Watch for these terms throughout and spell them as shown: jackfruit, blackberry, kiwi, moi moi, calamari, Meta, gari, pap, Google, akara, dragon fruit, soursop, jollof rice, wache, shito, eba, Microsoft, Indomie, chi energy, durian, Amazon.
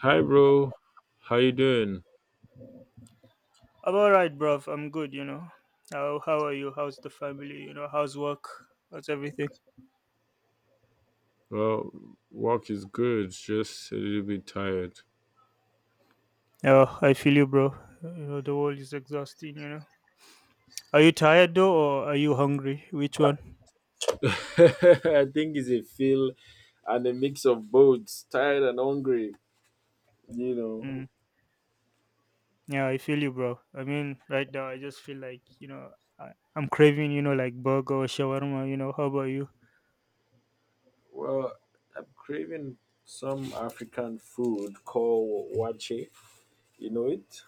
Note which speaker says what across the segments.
Speaker 1: Hi, bro. How you doing?
Speaker 2: I'm all right, bruv. I'm good, you know. How are you? How's the family? You know, how's work? How's everything?
Speaker 1: Well, work is good. Just a little bit tired.
Speaker 2: Oh, I feel you, bro. You know, the world is exhausting, you know. Are you tired though, or are you hungry? Which one?
Speaker 1: I think it's a feel and a mix of both, tired and hungry. You know.
Speaker 2: Mm. Yeah, I feel you, bro. I mean, right now, I just feel like, you know, I'm craving, you know, like burger or shawarma, you know. How about you?
Speaker 1: Well, I'm craving some African food called wache. You know it?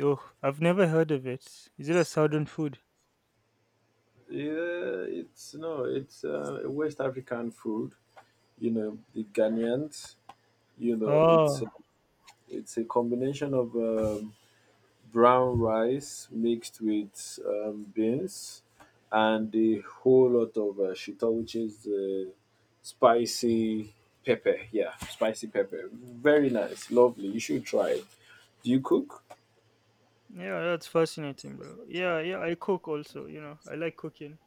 Speaker 2: Oh, I've never heard of it. Is it a southern food?
Speaker 1: Yeah, it's no, it's West African food. You know, the Ghanaians. You know, it's uh,
Speaker 2: Oh,
Speaker 1: it's a combination of brown rice mixed with beans and a whole lot of shito, which is the spicy pepper. Yeah, spicy pepper. Very nice, lovely. You should try it. Do you cook?
Speaker 2: yeah, that's fascinating, bro. Yeah, yeah, I cook also, you know. I like cooking.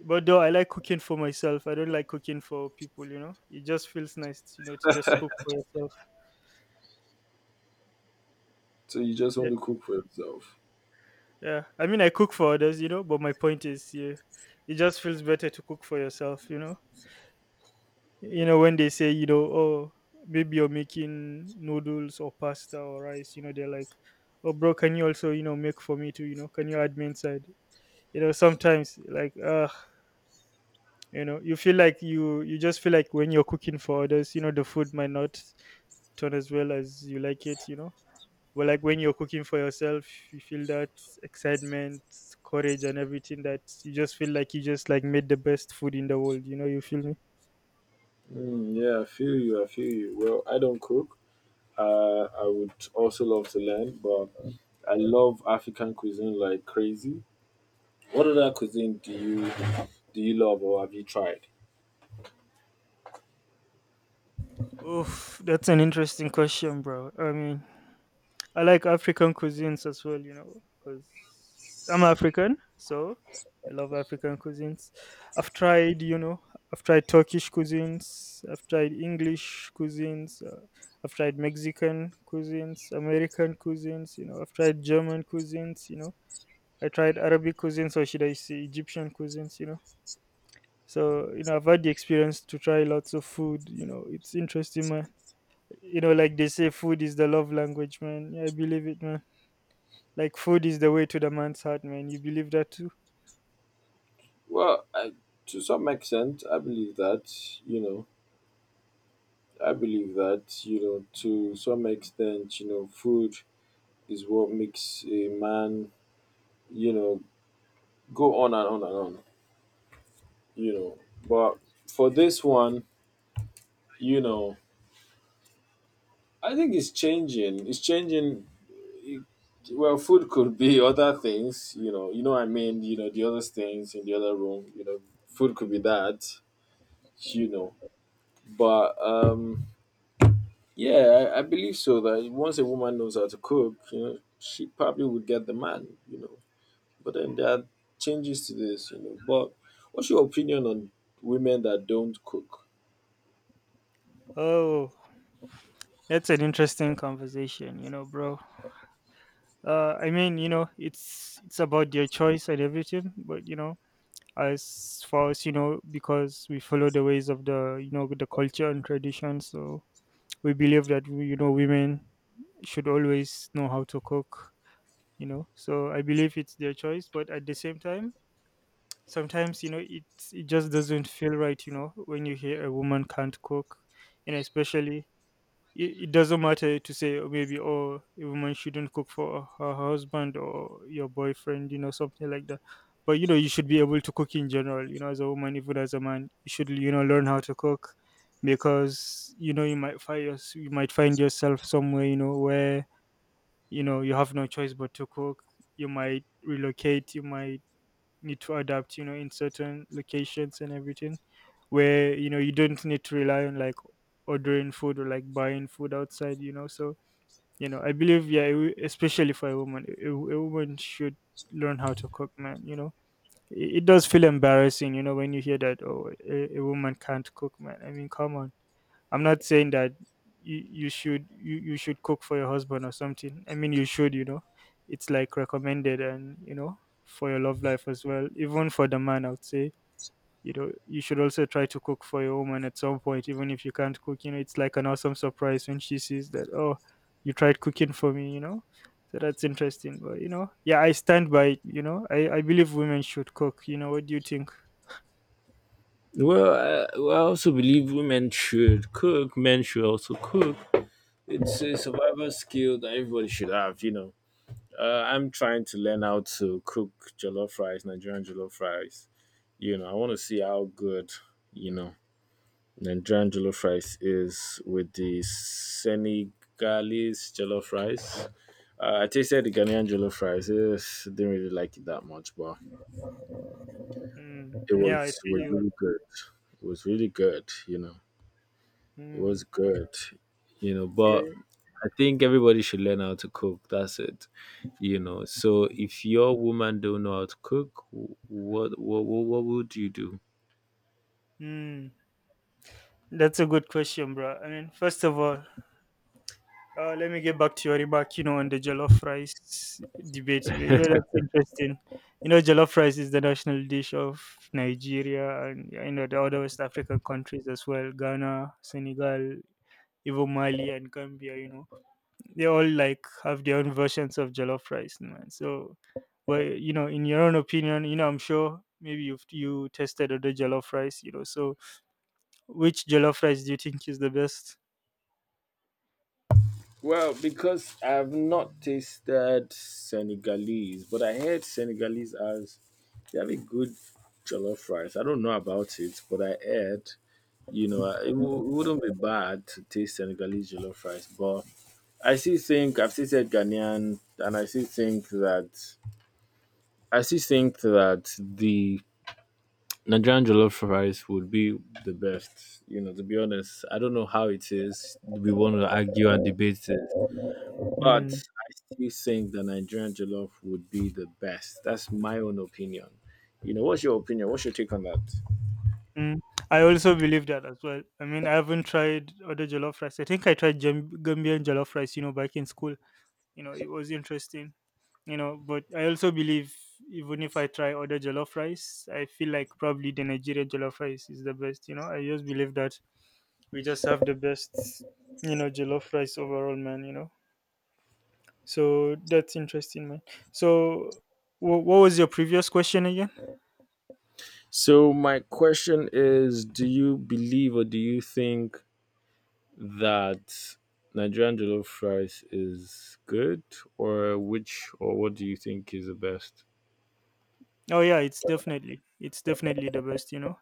Speaker 2: But though I like cooking for myself, I don't like cooking for people. You know, it just feels nice, you know, to just cook for yourself.
Speaker 1: So you just
Speaker 2: Yeah,
Speaker 1: want to cook for yourself?
Speaker 2: yeah. I mean, I cook for others, you know, but my point is, yeah, it just feels better to cook for yourself. You know when they say, you know, oh, maybe you're making noodles or pasta or rice. You know, they're like, oh, bro, can you also, you know, make for me too? You know, can you add me inside? You know, sometimes like, ah. You know, you feel like you just feel like when you're cooking for others, you know, the food might not turn as well as you like it, you know. But like when you're cooking for yourself, you feel that excitement, courage and everything, that you just feel like you just like made the best food in the world, you know? You feel me?
Speaker 1: Mm, yeah, I feel you. I feel you. Well, I don't cook. I would also love to learn, but I love African cuisine like crazy. What other cuisine do you love or have you tried?
Speaker 2: Oof, that's an interesting question, bro. I mean, I like African cuisines as well, you know, because I'm African, so I love African cuisines. I've tried, you know, I've tried Turkish cuisines, I've tried English cuisines, I've tried Mexican cuisines, American cuisines, you know, I've tried German cuisines, you know, I tried Arabic cuisines, or should I say Egyptian cuisines, you know. So, you know, I've had the experience to try lots of food, you know, it's interesting, man. You know, like they say, food is the love language, man. Yeah, I believe it, man. Like food is the way to the man's heart, man. You believe that too?
Speaker 1: Well, to some extent, I believe that, you know, I believe that, you know, to some extent, you know, food is what makes a man, you know, go on and on and on, you know. But for this one, you know, I think it's changing. It's changing. It- well, food could be other things, you know what I mean, you know, the other things in the other room, food could be that, you know. But, yeah, I believe so. That once a woman knows how to cook, you know, she probably would get the man, you know. But then there are changes to this, you know. But what's your opinion on women that don't cook?
Speaker 2: Oh, that's an interesting conversation, you know, bro. I mean, you know, it's about their choice and everything, but you know, as far as you know, because we follow the ways of the, you know, the culture and tradition, so we believe that you know, women should always know how to cook, you know. So I believe it's their choice, but at the same time, sometimes you know, it just doesn't feel right, you know, when you hear a woman can't cook. And especially, it doesn't matter to say, oh, maybe, oh, a woman shouldn't cook for her husband or your boyfriend, you know, something like that. But you know, you should be able to cook in general, you know, as a woman, even as a man you should, you know, learn how to cook, because you know, you might you might find yourself somewhere, you know, where you know, you have no choice but to cook. You might relocate, you might need to adapt, you know, in certain locations and everything, where you know, you don't need to rely on like ordering food or like buying food outside, you know. So you know, I believe, yeah, especially for a woman, a woman should learn how to cook, man, you know. It does feel embarrassing, you know, when you hear that, oh, a woman can't cook, man. I mean, come on. I'm not saying that you should cook for your husband or something. I mean, you should, you know. It's like recommended and you know, for your love life as well. Even for the man I would say, you know, you should also try to cook for your woman at some point, even if you can't cook, you know. It's like an awesome surprise when she sees that, oh, you tried cooking for me, you know. So that's interesting. But you know, yeah, I stand by it, you know. I believe women should cook, you know. What do you think?
Speaker 1: Well, well, I also believe women should cook. Men should also cook. It's a survival skill that everybody should have. I'm trying to learn how to cook jollof rice, Nigerian jollof rice. You know, I want to see how good. You know, Nigerian jollof rice is with the Senegalese jollof rice. I tasted the Ghanaian jollof rice. Yes, didn't really like it that much, but
Speaker 2: Mm,
Speaker 1: it
Speaker 2: yeah, I
Speaker 1: was
Speaker 2: feel
Speaker 1: was
Speaker 2: you.
Speaker 1: really good. It was really good. You know, it was
Speaker 2: Mm,
Speaker 1: good. You know, but
Speaker 2: yeah.
Speaker 1: I think everybody should learn how to cook. That's it. You know, so if your woman don't know how to cook, what would you do?
Speaker 2: Mm, that's a good question, bro. I mean, first of all, let me get back to your remark, you know, on the jollof rice debate. You know, that's interesting. You know, jollof rice is the national dish of Nigeria, and, yeah, you know, the other West African countries as well, Ghana, Senegal, even Mali and Gambia, you know. They all like have their own versions of jollof rice, no, man. So, well, you know, in your own opinion, you know, I'm sure maybe you've you tested other jollof rice, you know. So, which jollof rice do you think is the best?
Speaker 1: Well, because I've not tasted Senegalese, but I heard Senegalese as they have a good jollof rice. I don't know about it, but I heard, it wouldn't be bad to taste Senegalese jollof rice. But I still think I've still said Ghanaian, and I still think that the Nigerian jollof rice would be the best. You know, to be honest, I don't know how it is. We want to argue and debate it. But
Speaker 2: Mm,
Speaker 1: I still think the Nigerian jollof would be the best. That's my own opinion. You know, what's your opinion? What's your take on that?
Speaker 2: mm. I also believe that as well. I mean, I haven't tried other jollof rice. I think I tried Gambian jollof rice, you know, back in school. You know, it was interesting. You know, but I also believe, even if I try other jollof rice, I feel like probably the Nigerian jollof rice is the best, you know. I just believe that we just have the best, you know, jollof rice overall, man, you know. So that's interesting, man. So what was your previous question again?
Speaker 1: So my question is, do you believe or do you think that Nigerian jollof rice is good, or which, or what do you think is the best?
Speaker 2: Oh yeah, it's definitely the best, you know.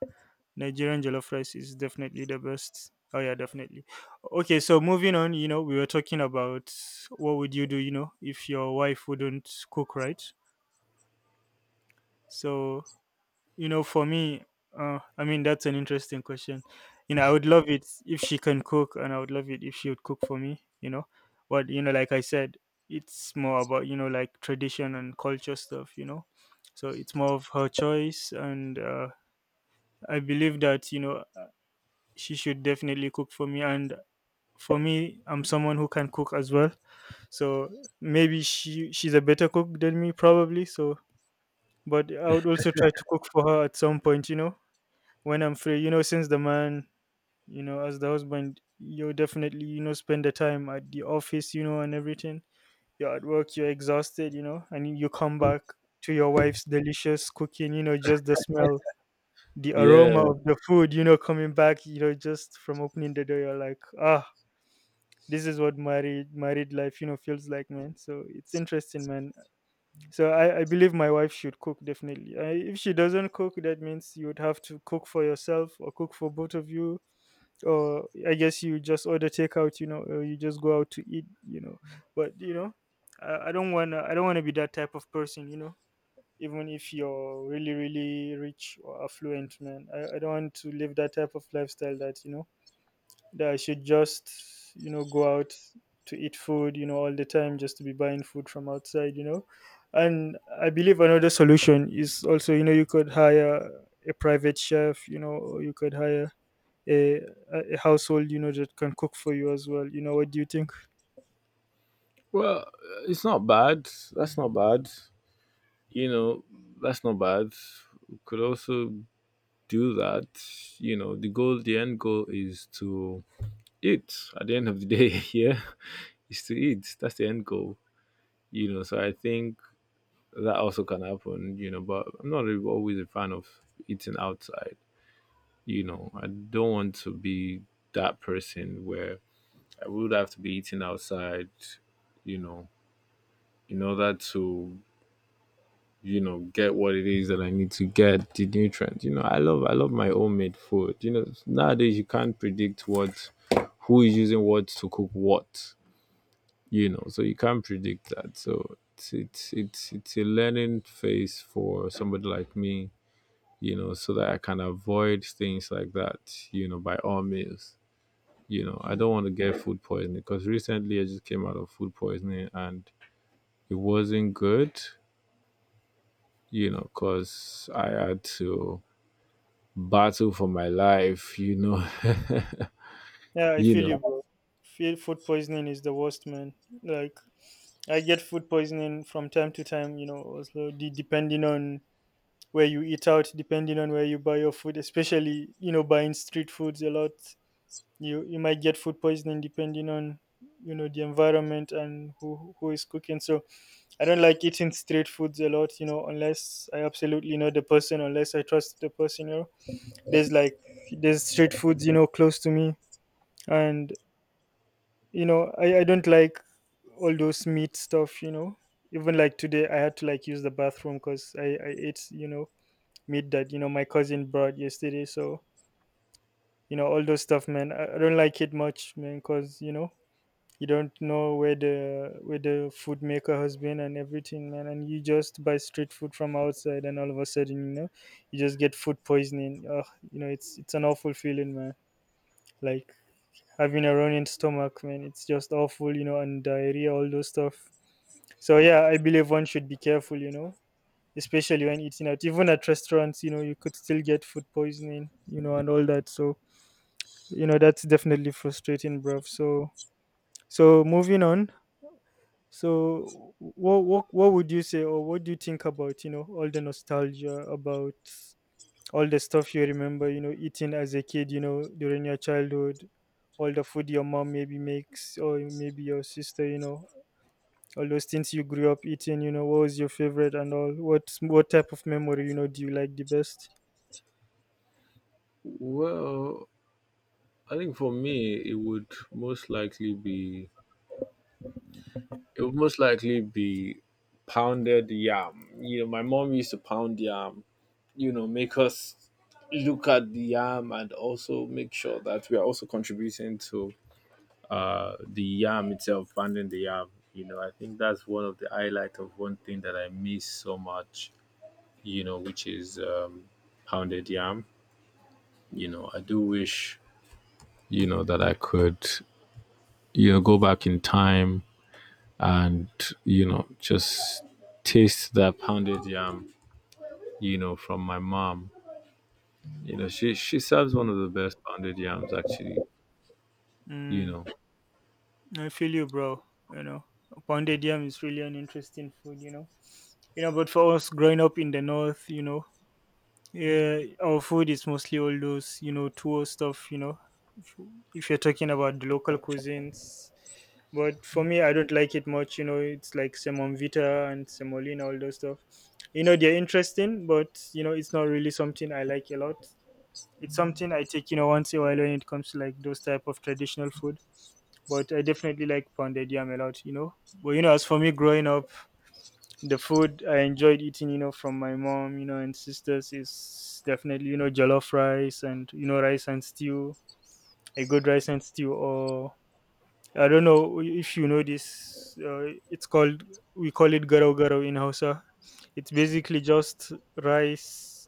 Speaker 2: Nigerian jollof rice is definitely the best. Oh yeah, definitely. Okay, so moving on, you know, we were talking about what would you do, you know, if your wife wouldn't cook, right. So, you know, for me, I mean, that's an interesting question. You know, I would love it if she can cook, and I would love it if she would cook for me. You know, but you know, like I said, it's more about, you know, like tradition and culture stuff. You know, so it's more of her choice, and I believe that you know, she should definitely cook for me. And for me, I'm someone who can cook as well. So maybe she's a better cook than me probably. So but I would also try to cook for her at some point, you know, when I'm free, you know. Since the man, you know, as the husband, you definitely, you know, spend the time at the office, you know, and everything. You're at work, you're exhausted, you know, and you come back to your wife's delicious cooking, you know, just the smell, the aroma
Speaker 1: Yeah,
Speaker 2: of the food, you know, coming back, you know, just from opening the door, you're like, ah, this is what married life, you know, feels like, man. So it's interesting, man. So I believe my wife should cook definitely. If she doesn't cook, that means you would have to cook for yourself or cook for both of you, or I guess you just order takeout, you know, or you just go out to eat, you know. But you know, I don't want to I don't want to be that type of person, you know. Even if you're really really rich or affluent, man, I don't want to live that type of lifestyle that you know, that I should just, you know, go out to eat food, you know, all the time, just to be buying food from outside, you know. And I believe another solution is also, you know, you could hire a private chef, you know, or you could hire a, a household, you know, that can cook for you as well. You know, what do you think?
Speaker 1: well, uh, it's not bad. That's not bad. You know, that's not bad. We could also do that. You know, the goal, the end goal is to eat at the end of the day yeah is to eat, that's the end goal. You know, so I think that also can happen, you know, but I'm not really always a fan of eating outside. You know, I don't want to be that person where I would have to be eating outside, you know, in order to, you know, get what it is that I need to get the nutrients. You know, I love, I love my homemade food. You know, nowadays you can't predict what, who is using what to cook what, you know, so you can't predict that. So it's a learning phase for somebody like me, you know, so that I can avoid things like that, you know, by all means. You know, I
Speaker 2: Mm.
Speaker 1: don't want to get food poisoning, because recently I just came out of food poisoning and it wasn't good. You know, because I had to battle for my life, you know.
Speaker 2: Yeah, I
Speaker 1: You
Speaker 2: feel you,
Speaker 1: know,
Speaker 2: bro. Feel food poisoning is the worst, man. Like I get food poisoning from time to time, you know, also depending on where you eat out, depending on where you buy your food, especially, you know, buying street foods a lot. You might get food poisoning depending on, you know, the environment and who is cooking. So I don't like eating street foods a lot, you know, unless I absolutely know the person, unless I trust the person, you know. There's like there's street foods, you know, close to me, and you know, I don't like all those meat stuff, you know. Even like today I had to like use the bathroom because I ate, you know, meat that, you know, my cousin brought yesterday. So you know, all those stuff, man, I don't like it much, man, because you know, you don't know where the food maker has been and everything, man, and you just buy street food from outside, and all of a sudden, you know, you just get food poisoning. Ugh, you know, it's an awful feeling, man. Like having a running stomach, man. It's just awful, and diarrhea, all those stuff. So yeah, I believe one should be careful, especially when eating out. Even at restaurants, you could still get food poisoning, and all that. So that's definitely frustrating, bruv. So moving on. So what would you say, or what do you think about, all the nostalgia about all the stuff you remember, eating as a kid, during your childhood, all the food your mom maybe makes, or maybe your sister, all those things you grew up eating, what was your favorite and all? What type of memory, do you like the best?
Speaker 1: well, I think for me it would most likely be It would most likely be pounded yam. You know, my mom used to pound yam, you know, make us look at the yam and also make sure that we are also contributing to the yam itself, pounding the yam. You know, I think that's one of the highlight of one thing that I miss so much, you know, which is pounded yam. You know, I do wish, you know, that I could, you know, go back in time and, you know, just taste that pounded yam, you know, from my mom. You know, she serves one of the best pounded yams actually, you
Speaker 2: Mm,
Speaker 1: know.
Speaker 2: I feel you, bro. You know, pounded yam is really an interesting food. You know, but for us growing up in the north, you know, yeah, our food is mostly all those, tour stuff, if, if you're talking about the local cuisines. But for me, I don't like it much, it's like semovita and semolina, all those stuff. You know, they're interesting, but, it's not really something I like a lot. It's something I take, once in a while when it comes to like those type of traditional food. But I definitely like pounded yam a lot, But, as for me growing up, the food I enjoyed eating, from my mom, and sisters is definitely, jollof rice and, rice and stew, a good rice and stew. Or I don't know if you know this, it's called, we call it garo garo in Hausa. It's basically just rice,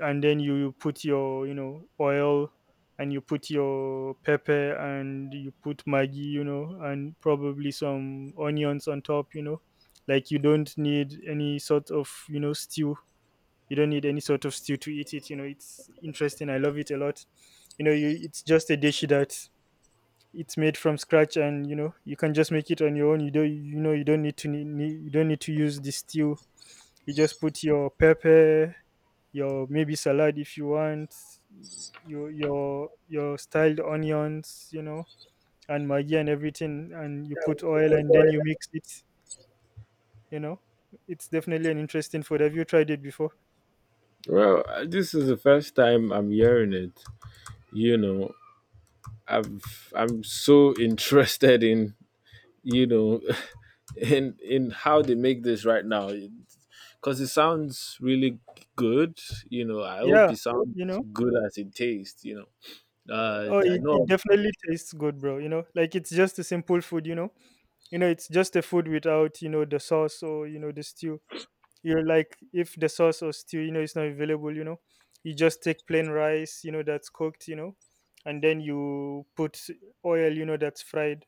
Speaker 2: and then you put your oil, and you put your pepper, and you put maggi, and probably some onions on top, like you don't need any sort of stew. You don't need any sort of stew to eat it, it's interesting, I love it a lot, it's just a dish that it's made from scratch, and you can just make it on your own. You don't, you don't need to you don't need to use the stew. You just put your pepper, your maybe salad if you want, your styled onions, and maggi and everything, and you put oil, and then you mix it. You know, it's definitely an interesting food. Have you tried it before?
Speaker 1: This is the first time I'm hearing it, you know. I'm so interested in, you know, in how they make this right now, because it sounds really good. You know, I hope
Speaker 2: Yeah,
Speaker 1: it sounds
Speaker 2: you know.
Speaker 1: good as it tastes, you know.
Speaker 2: Oh,
Speaker 1: I
Speaker 2: it
Speaker 1: know.
Speaker 2: definitely tastes good, bro. You know, like it's just a simple food, You know, it's just a food without, the sauce or, the stew. You're like, if the sauce or stew, it's not available, you just take plain rice, that's cooked, and then you put oil, that's fried.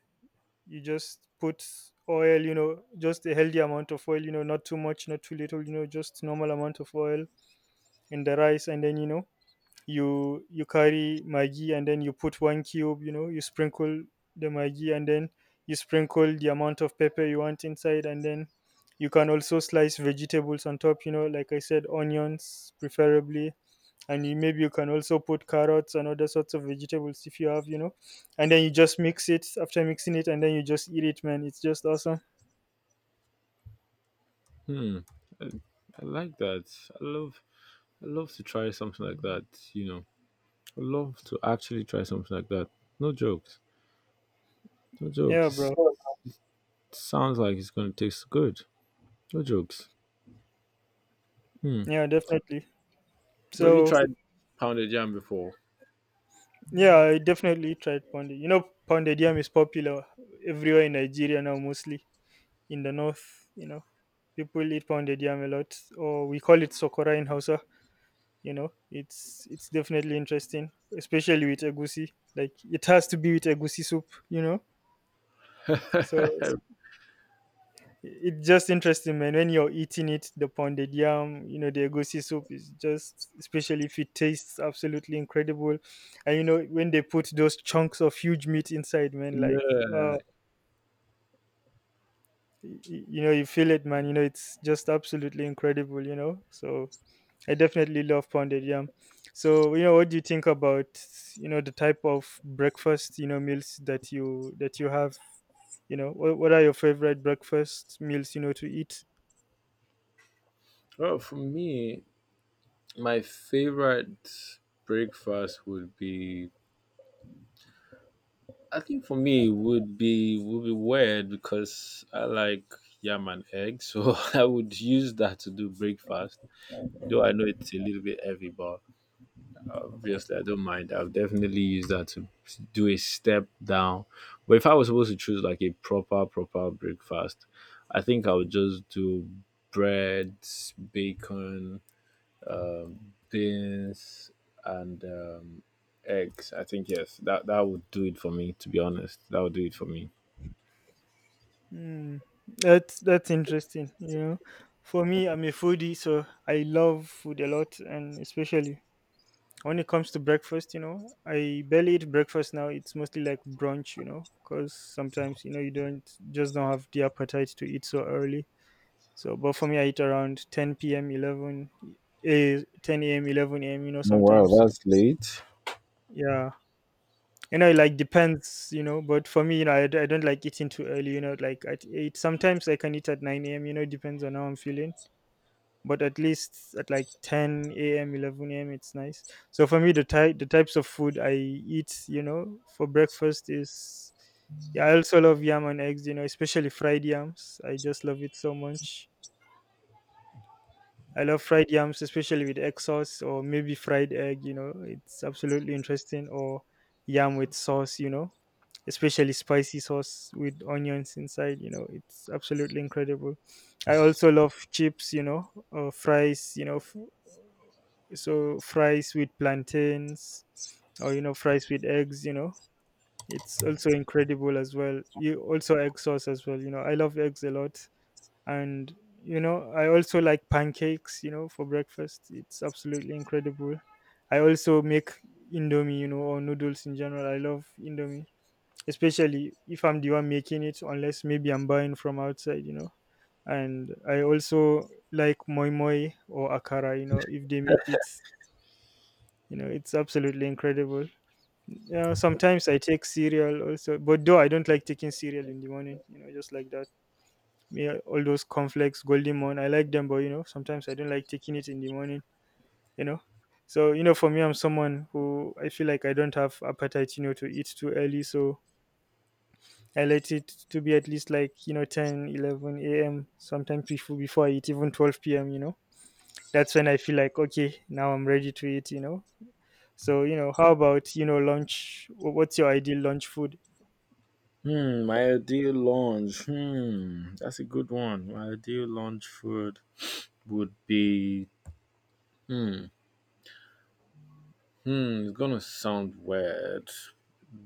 Speaker 2: You just put oil, just a healthy amount of oil, not too much, not too little, just normal amount of oil in the rice. And then, you carry maggi, and then you put one cube, you sprinkle the maggi, and then you sprinkle the amount of pepper you want inside, and then you can also slice vegetables on top, like I said, onions preferably. And maybe you can also put carrots and other sorts of vegetables if you have, and then you just mix it. After mixing it, and then you just eat it, man. It's just awesome.
Speaker 1: Hmm. I like that. I love I love to try something like that, you know. I love to actually try something like that. No jokes. No
Speaker 2: Yeah,
Speaker 1: jokes. It's-
Speaker 2: bro.
Speaker 1: It sounds like it's gonna taste good. No jokes. Hmm.
Speaker 2: Yeah, definitely.
Speaker 1: But have you
Speaker 2: So
Speaker 1: tried pounded yam before?
Speaker 2: yeah, I definitely tried pounded. You know, pounded yam is popular everywhere in Nigeria now, mostly in the north. You know, people eat pounded yam a lot, or we call it sokora in Hausa. You know, it's definitely interesting, especially with egusi. Like it has to be with egusi soup. You know, so it's just interesting, man. When you're eating it, the pounded yam, the egusi soup is just, especially if it tastes absolutely incredible. And you know, when they put those chunks of huge meat inside, man, like, uh,
Speaker 1: Yeah.
Speaker 2: you know, you feel it, man. You know, it's just absolutely incredible. You know, so I definitely love pounded yam. So you know, what do you think about the type of breakfast, meals that you have? You know, what are your favorite breakfast meals to eat?
Speaker 1: Well, for me, my favorite breakfast would be I think for me would be weird because I like yam and eggs, so I would use that to do breakfast. Though I know it's a little bit heavy, but obviously, I don't mind. I've definitely used that to do a step down. But if I was supposed to choose like a proper, proper breakfast, I think I would just do bread, bacon, beans, and eggs. I think, yes, that would do it for me, to be honest. That would do it for me.
Speaker 2: Mm, that's interesting. You know, for me, I'm a foodie, so I love food a lot, and especially when it comes to breakfast. You know, I barely eat breakfast now. It's mostly like brunch. You know, because sometimes you don't just don't have the appetite to eat so early. So, but for me, I eat around 10 p.m., 11, 10 a.m., 11 a.m. You know,
Speaker 1: Oh, wow,
Speaker 2: sometimes.
Speaker 1: that's late.
Speaker 2: Yeah, you know it like depends, but for me, I don't like eating too early, like at 8. Sometimes I can eat at 9 a.m, it depends on how I'm feeling, but at least at like 10 a.m, 11 a.m, it's nice. So for me, the types of food I eat, for breakfast is, yeah, I also love yam and eggs, especially fried yams. I just love it so much. I love fried yams, especially with egg sauce or maybe fried egg, it's absolutely interesting. Or yam with sauce, especially spicy sauce with onions inside, it's absolutely incredible. I also love chips, or fries, so fries with plantains, or, fries with eggs, it's also incredible as well. You also egg sauce as well, I love eggs a lot. And I also like pancakes, for breakfast. It's absolutely incredible. I also make indomie, or noodles in general. I love indomie, especially if I'm the one making it, unless maybe I'm buying from outside, and I also like moi moi or akara, if they make it, it's absolutely incredible. Yeah, sometimes I take cereal also, but though I don't like taking cereal in the morning, just like that, me, all those cornflakes, golden morn. I like them, but you know, sometimes I don't like taking it in the morning, you know. So, for me, I'm someone who, I feel like I don't have appetite, to eat too early. So I let it to be at least like, 10, 11 a.m. Sometimes before I eat, even 12 p.m., you know. That's when I feel like, okay, now I'm ready to eat, you know. So, how about, lunch? What's your ideal lunch food?
Speaker 1: Hmm, my ideal lunch. Hmm, that's a good one. My ideal lunch food would be. Hmm. Hmm, it's gonna sound weird.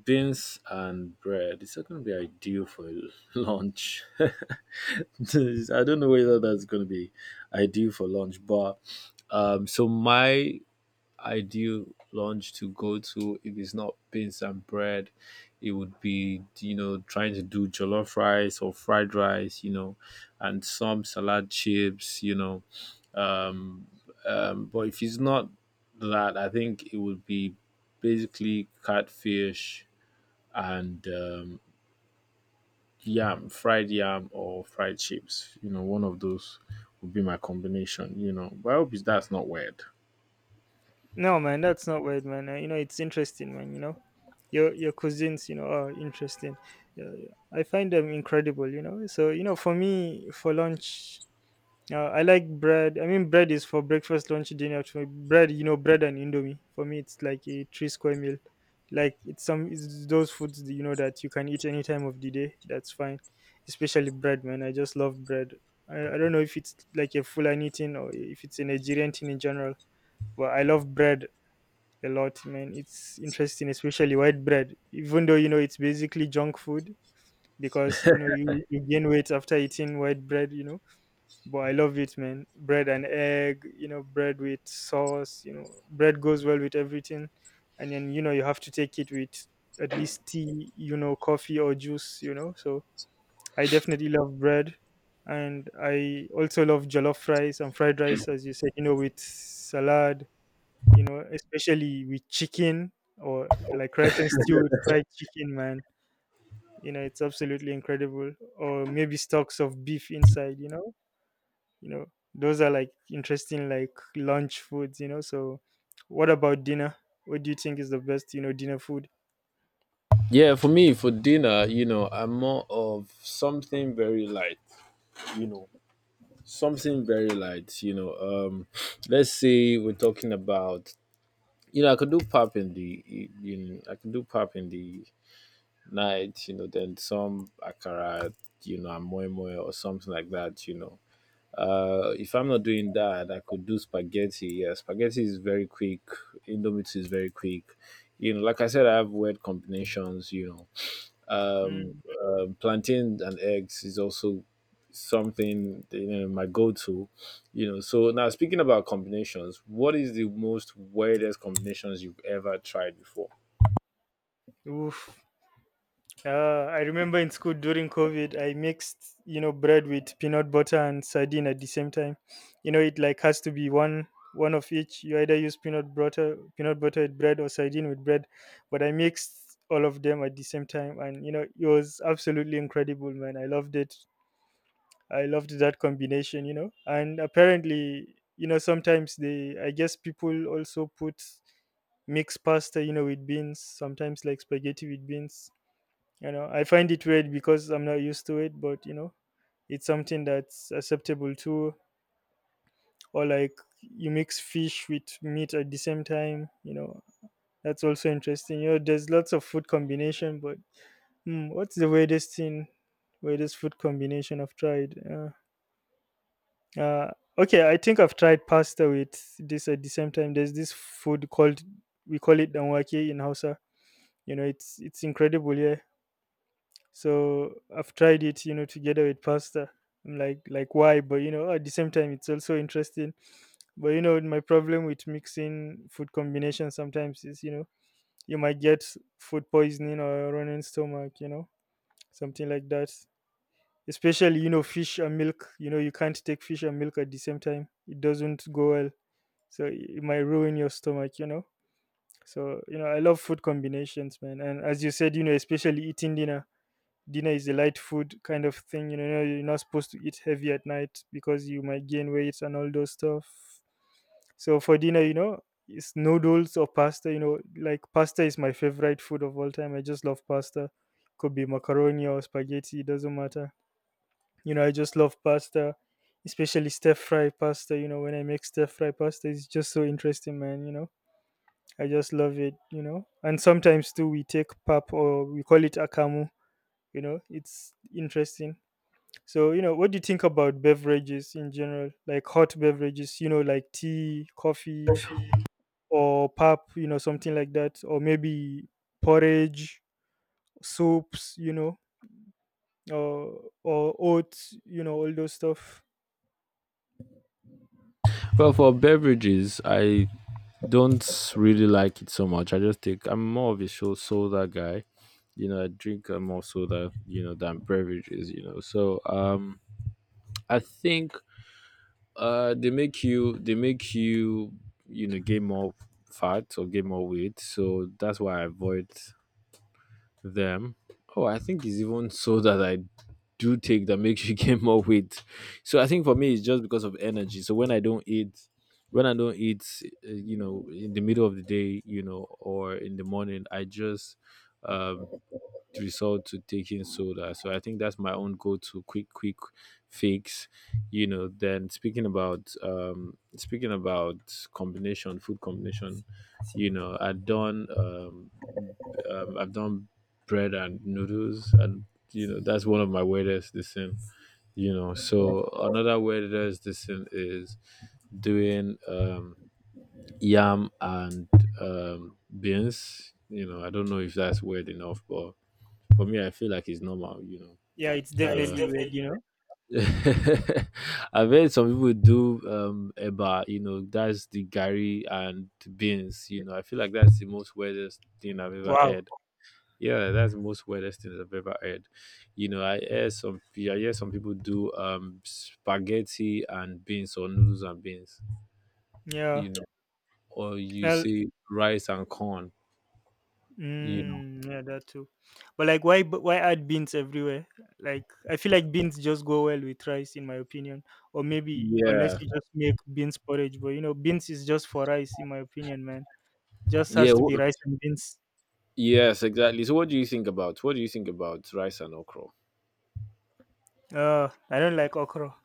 Speaker 1: Beans and bread. It's not gonna be ideal for lunch. I don't know whether that's gonna be ideal for lunch, but so my ideal lunch to go to, if it's not beans and bread, it would be, you know, trying to do jollof rice or fried rice, you know, and some salad chips, you know um, but if it's not that, I think it would be basically catfish and yam, fried yam or fried chips. You know, one of those would be my combination. You know, but I hope it's- that's not weird.
Speaker 2: No, man, that's not weird, man. You know, it's interesting, man. You know, your cousins, are interesting. Yeah, yeah. I find them incredible. You know, so you know, for me, for lunch, I like bread. I mean, bread is for breakfast, lunch, dinner. For bread, bread and indomie. For me, it's like a three square meal. Like it's those foods that, that you can eat any time of the day. That's fine, especially bread, man. I just love bread. I don't know if it's like a Fulani thing or if it's a Nigerian thing in general, but I love bread a lot, man. It's interesting, especially white bread. Even though you know it's basically junk food, because you gain weight after eating white bread, you know. But I love it, man. Bread and egg, bread with sauce, bread goes well with everything. And then you know you have to take it with at least tea, coffee or juice, So I definitely love bread. And I also love jollof rice and fried rice, as you said, with salad, especially with chicken, or like rice and stew with fried chicken, man. You know, it's absolutely incredible. Or maybe stocks of beef inside, you know, those are like interesting like lunch foods, So, what about dinner? What do you think is the best, dinner food?
Speaker 1: Yeah, for me, for dinner, you know, I'm more of something very light. You know, something very light. You know, let's say we're talking about. You know, I could do pap in the night, you know, then some akara, you know, and moi moi or something like that, you know. If I'm not doing that, I could do spaghetti. Yeah, spaghetti is very quick. Indomie is very quick. You know, like I said, I have weird combinations. You know,
Speaker 2: Mm,
Speaker 1: um, um plantain and eggs is also something, you know, my go-to. You know, so now speaking about combinations, what is the most weirdest combinations you've ever tried before?
Speaker 2: oof. I remember in school during COVID, I mixed bread with peanut butter and sardine at the same time. You know, it like has to be one of each. You either use peanut butter with bread or sardine with bread, but I mixed all of them at the same time, and you know it was absolutely incredible, man. I loved it. I loved that combination. You know, and apparently, you know, sometimes they I guess people also put mixed pasta, you know, with beans. Sometimes like spaghetti with beans, you know, I find it weird because I'm not used to it, but you know, it's something that's acceptable too. Or like you mix fish with meat at the same time. You know, that's also interesting. You know, there's lots of food combination, but what's the weirdest thing, weirdest food combination I've tried? Uh, okay, I think I've tried pasta with this at the same time. There's this food called we call it danwake in Hausa. You know, it's incredible. Yeah, so I've tried it, you know, together with pasta. I'm like, why? But you know, at the same time, it's also interesting. But you know, my problem with mixing food combinations sometimes is, you know, you might get food poisoning or a running stomach, you know, something like that. Especially, you know, fish and milk. You know, you can't take fish and milk at the same time. It doesn't go well. So it might ruin your stomach, you know. So, you know, I love food combinations, man. And as you said, you know, especially eating dinner is a light food kind of thing. You know, you're not supposed to eat heavy at night because you might gain weight and all those stuff. So for dinner, you know, it's noodles or pasta. You know, like pasta is my favorite food of all time. I just love pasta. Could be macaroni or spaghetti. It doesn't matter. You know, I just love pasta, especially stir fry pasta. You know, when I make stir fry pasta, it's just so interesting, man. You know, I just love it. You know, and sometimes too, we take pap or we call it akamu. You know, it's interesting. So, you know, what do you think about beverages in general? Like hot beverages, you know, like tea, coffee, or pop, you know, something like that, or maybe porridge, soups, you know, or oats, you know, all those stuff.
Speaker 1: Well, for beverages, I don't really like it so much. I just take I'm more of a soda guy. You know, I drink more soda, you know, than beverages, you know. So I think they make you you know gain more fat or gain more weight. So that's why I avoid them. Oh, I think it's even soda that I do take that makes you gain more weight. So I think for me it's just because of energy. So when I don't eat, you know, in the middle of the day, you know, or in the morning, I just um resort to taking soda. So I think that's my own go-to quick, quick fix. You know, then speaking about combination, food combination, you know, I've done bread and noodles, and you know that's one of my weirdest this thing. You know, so another wellness this thing is doing yam and beans, you know. I don't know if that's weird enough, but for me I feel like it's normal, you know.
Speaker 2: Yeah, it's
Speaker 1: Yeah, it's
Speaker 2: definitely weird,
Speaker 1: definitely
Speaker 2: you know.
Speaker 1: I've heard some people do eba, you know, that's the gari and beans, you know. I feel like that's the most weirdest thing I've ever
Speaker 2: Wow.
Speaker 1: heard. Yeah, that's the most weirdest thing I've ever heard. You know, I hear some people do spaghetti and beans or noodles and beans,
Speaker 2: Yeah.
Speaker 1: you know, or you
Speaker 2: Well,
Speaker 1: say rice and corn, you know.
Speaker 2: mm, yeah, that too. But like, why add beans everywhere? Like, I feel like beans just go well with rice, in my opinion. Or maybe unless
Speaker 1: Yeah.
Speaker 2: you just make beans porridge, but you know, beans is just for rice, in my opinion, man. Just
Speaker 1: Yeah.
Speaker 2: has to
Speaker 1: wh-
Speaker 2: be rice and beans.
Speaker 1: yes, exactly. What do you think about rice and okra?
Speaker 2: I don't like okra.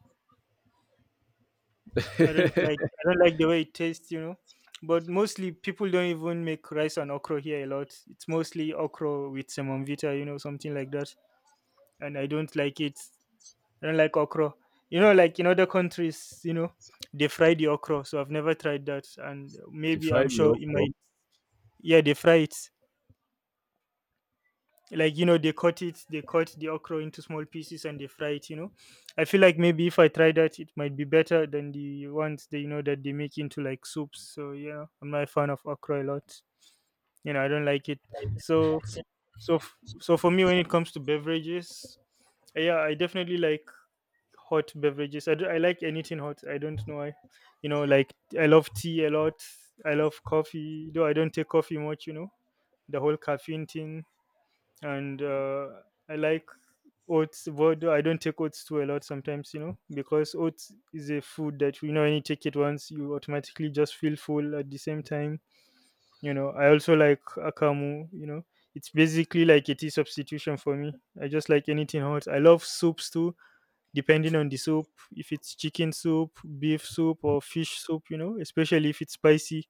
Speaker 2: I don't like the way it tastes, you know. But mostly people don't even make rice and okra here a lot. It's mostly okra with semovita, you know, something like that. And I don't like it. I don't like okra. You know, like in other countries, you know, they fry the okra. So I've never tried that, and
Speaker 1: The
Speaker 2: maybe
Speaker 1: fried
Speaker 2: I'm sure it might.
Speaker 1: okra.
Speaker 2: Yeah, they fry it. Like you know, they cut it. They cut the okra into small pieces and they fry it. You know, I feel like maybe if I try that, it might be better than the ones that you know that they make into like soups. So yeah, I'm not a fan of okra a lot. You know, I don't like it. So so for me, when it comes to beverages, yeah, I definitely like hot beverages. I like anything hot. I don't know why. You know, like I love tea a lot. I love coffee, though I don't take coffee much. You know, the whole caffeine thing, and I like oats. But though I don't take oats too a lot sometimes. You know, because oats is a food that you know when you take it once, you automatically just feel full at the same time. You know, I also like akamu. You know, it's basically like a tea substitution for me. I just like anything hot. I love soups too, depending on the soup, if it's chicken soup, beef soup, or fish soup, you know, especially if it's spicy,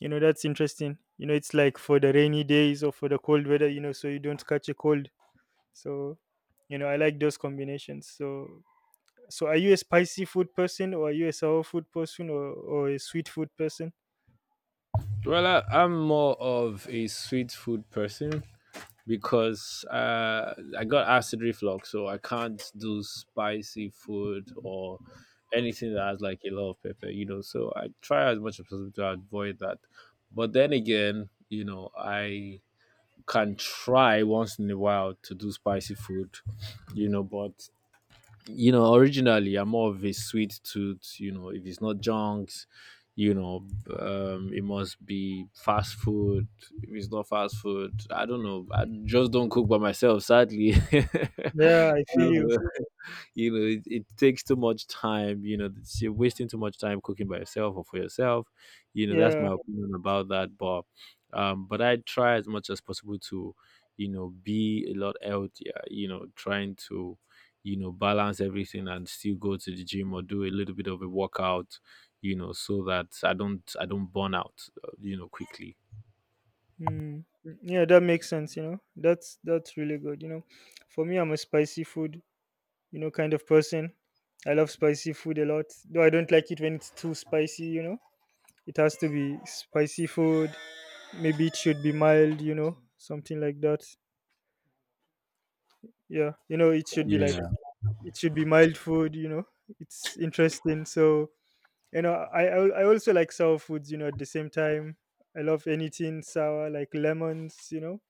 Speaker 2: you know, that's interesting. You know, it's like for the rainy days or for the cold weather, you know, so you don't catch a cold. So, you know, I like those combinations. So, so are you a spicy food person or are you a sour food person or a sweet food person?
Speaker 1: Well, I'm more of a sweet food person, because I got acid reflux, so I can't do spicy food or anything that has like a lot of pepper, you know. So I try as much as possible to avoid that. But then again, you know, I can try once in a while to do spicy food, you know, but you know, originally I'm more of a sweet tooth. You know, if it's not junks, you know, it must be fast food. If it's not fast food, I don't know. I just don't cook by myself, sadly.
Speaker 2: Yeah, I feel
Speaker 1: You
Speaker 2: you.
Speaker 1: know you know, it takes too much time, you know, you're wasting too much time cooking by yourself or for yourself, you know. That's
Speaker 2: Yeah.
Speaker 1: my opinion about that. But but I try as much as possible to, you know, be a lot healthier, you know, trying to, you know, balance everything and still go to the gym or do a little bit of a workout, you know, so that I don't burn out, you know, quickly.
Speaker 2: Mm. Yeah, that makes sense, you know. That's really good, you know. For me, I'm a spicy food, you know, kind of person. I love spicy food a lot, though I don't like it when it's too spicy, you know. It has to be spicy food. Maybe it should be mild, you know, something like that. Yeah, you know, it should be like,
Speaker 1: Yeah.
Speaker 2: it should be mild food, you know. It's interesting. So, you know, I I also like sour foods, you know, at the same time. I love anything sour, like lemons, you know.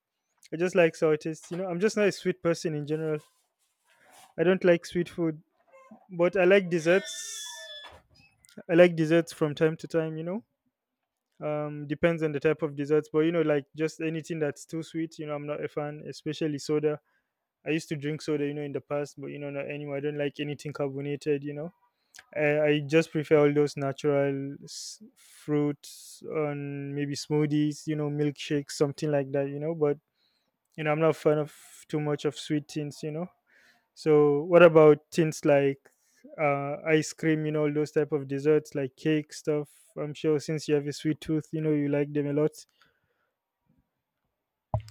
Speaker 2: I just like sour taste, you know. I'm just not a sweet person in general. I don't like sweet food, but I like desserts. I like desserts from time to time, you know. Depends on the type of desserts, but you know, like just anything that's too sweet, you know, I'm not a fan, especially soda. I used to drink soda, you know, in the past, but you know, not anymore. I don't like anything carbonated, you know. I just prefer all those natural fruits on maybe smoothies, you know, milkshakes, something like that, you know. But you know, I'm not a fan of too much of sweet things, you know. So what about things like ice cream, you know, all those type of desserts like cake stuff? I'm sure since you have a sweet tooth, you know, you like them a lot.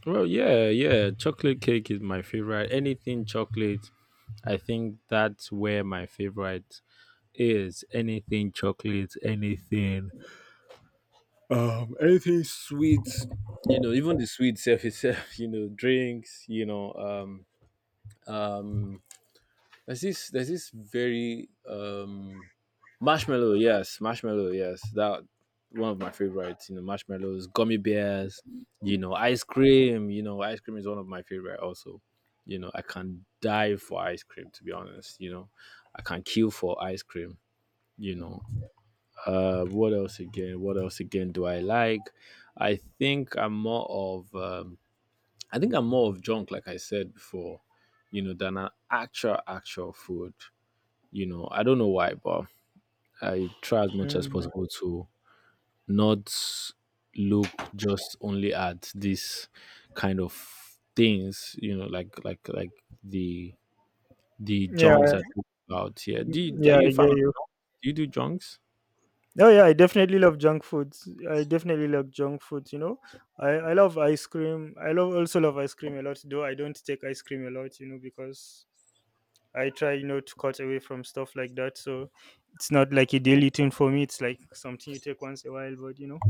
Speaker 1: Yeah, chocolate cake is my favorite. Anything chocolate, I think that's where my favorite is. Anything chocolate, anything, anything sweet, you know, even the sweet self itself, you know, drinks, you know, um, there's this very, marshmallow, yes, that one of my favorites, you know, marshmallows, gummy bears, you know, ice cream, you know, ice cream is one of my favorite also, you know, I can die for ice cream, to be honest, you know, I can kill for ice cream, you know. What else again? What else again do I like? I think I'm more of I think I'm more of junk, like I said before, you know, than an actual food. You know, I don't know why, but I try as much as
Speaker 2: Mm.
Speaker 1: possible to not look just only at this kind of things. You know, like the the junks
Speaker 2: Yeah,
Speaker 1: I talk about here.
Speaker 2: mm,
Speaker 1: Are
Speaker 2: yeah,
Speaker 1: you a
Speaker 2: I
Speaker 1: fan?
Speaker 2: get you.
Speaker 1: Do you do junks?
Speaker 2: Oh yeah, I definitely love junk foods. I definitely love junk foods, you know. I love ice cream. I love also love ice cream a lot, though I don't take ice cream a lot, you know, because I try, you know, to cut away from stuff like that. So it's not like a daily thing for me. It's like something you take once a while, but you know.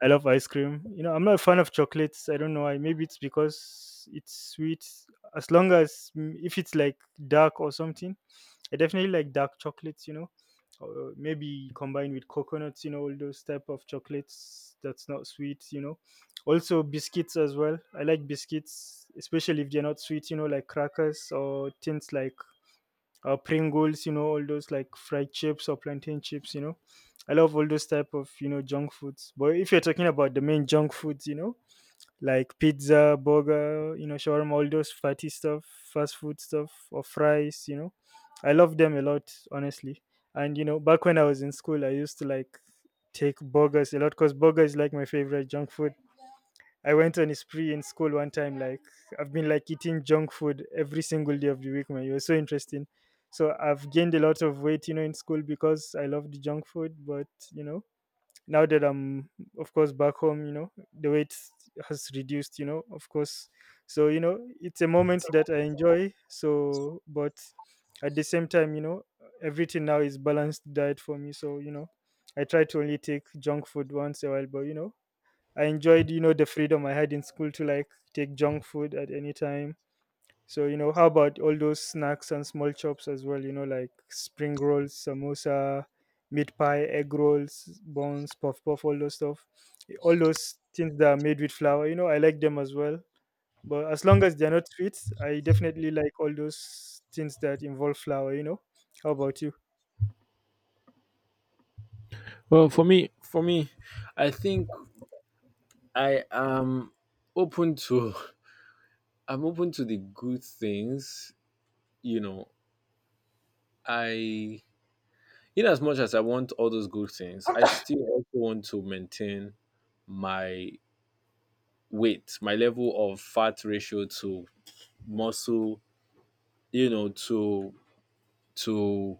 Speaker 2: I love ice cream. You know, I'm not a fan of chocolates. I don't know why. Maybe it's because it's sweet. As long as mm, if it's like dark or something, I definitely like dark chocolates. You know, or maybe combined with coconuts. You know, all those type of chocolates that's not sweet. You know, also biscuits as well. I like biscuits, especially if they're not sweet. You know, like crackers or things like Pringles, you know, all those like fried chips or plantain chips, you know. I love all those type of, you know, junk foods. But if you're talking about the main junk foods, you know, like pizza, burger, you know, shawarma, all those fatty stuff, fast food stuff, or fries, you know, I love them a lot, honestly. And, you know, back when I was in school, I used to like take burgers a lot because burger is like my favorite junk food. I went on a spree in school one time. Like I've been like eating junk food every single day of the week. Man, it was so interesting. So I've gained a lot of weight, you know, in school because I loved junk food. But you know, now that I'm of course back home, you know, the weight has reduced. You know, of course. So you know, it's a moment that I enjoy. So, but at the same time, you know, everything now is balanced diet for me. So you know, I try to only take junk food once a while. But you know I enjoyed, you know, the freedom I had in school to like take junk food at any time. So, you know, how about all those snacks and small chops as well, you know, like spring rolls, samosa, meat pie, egg rolls, buns, puff puff, all those stuff. All those things that are made with flour, you know, I like them as well. But as long as they're not sweet, I definitely like all those things that involve flour, you know. How about you?
Speaker 1: Well, for me, I think I am open to I'm open to the good things, you know. I, in as much as I want all those good things, I still also want to maintain my weight, my level of fat ratio to muscle, you know, to to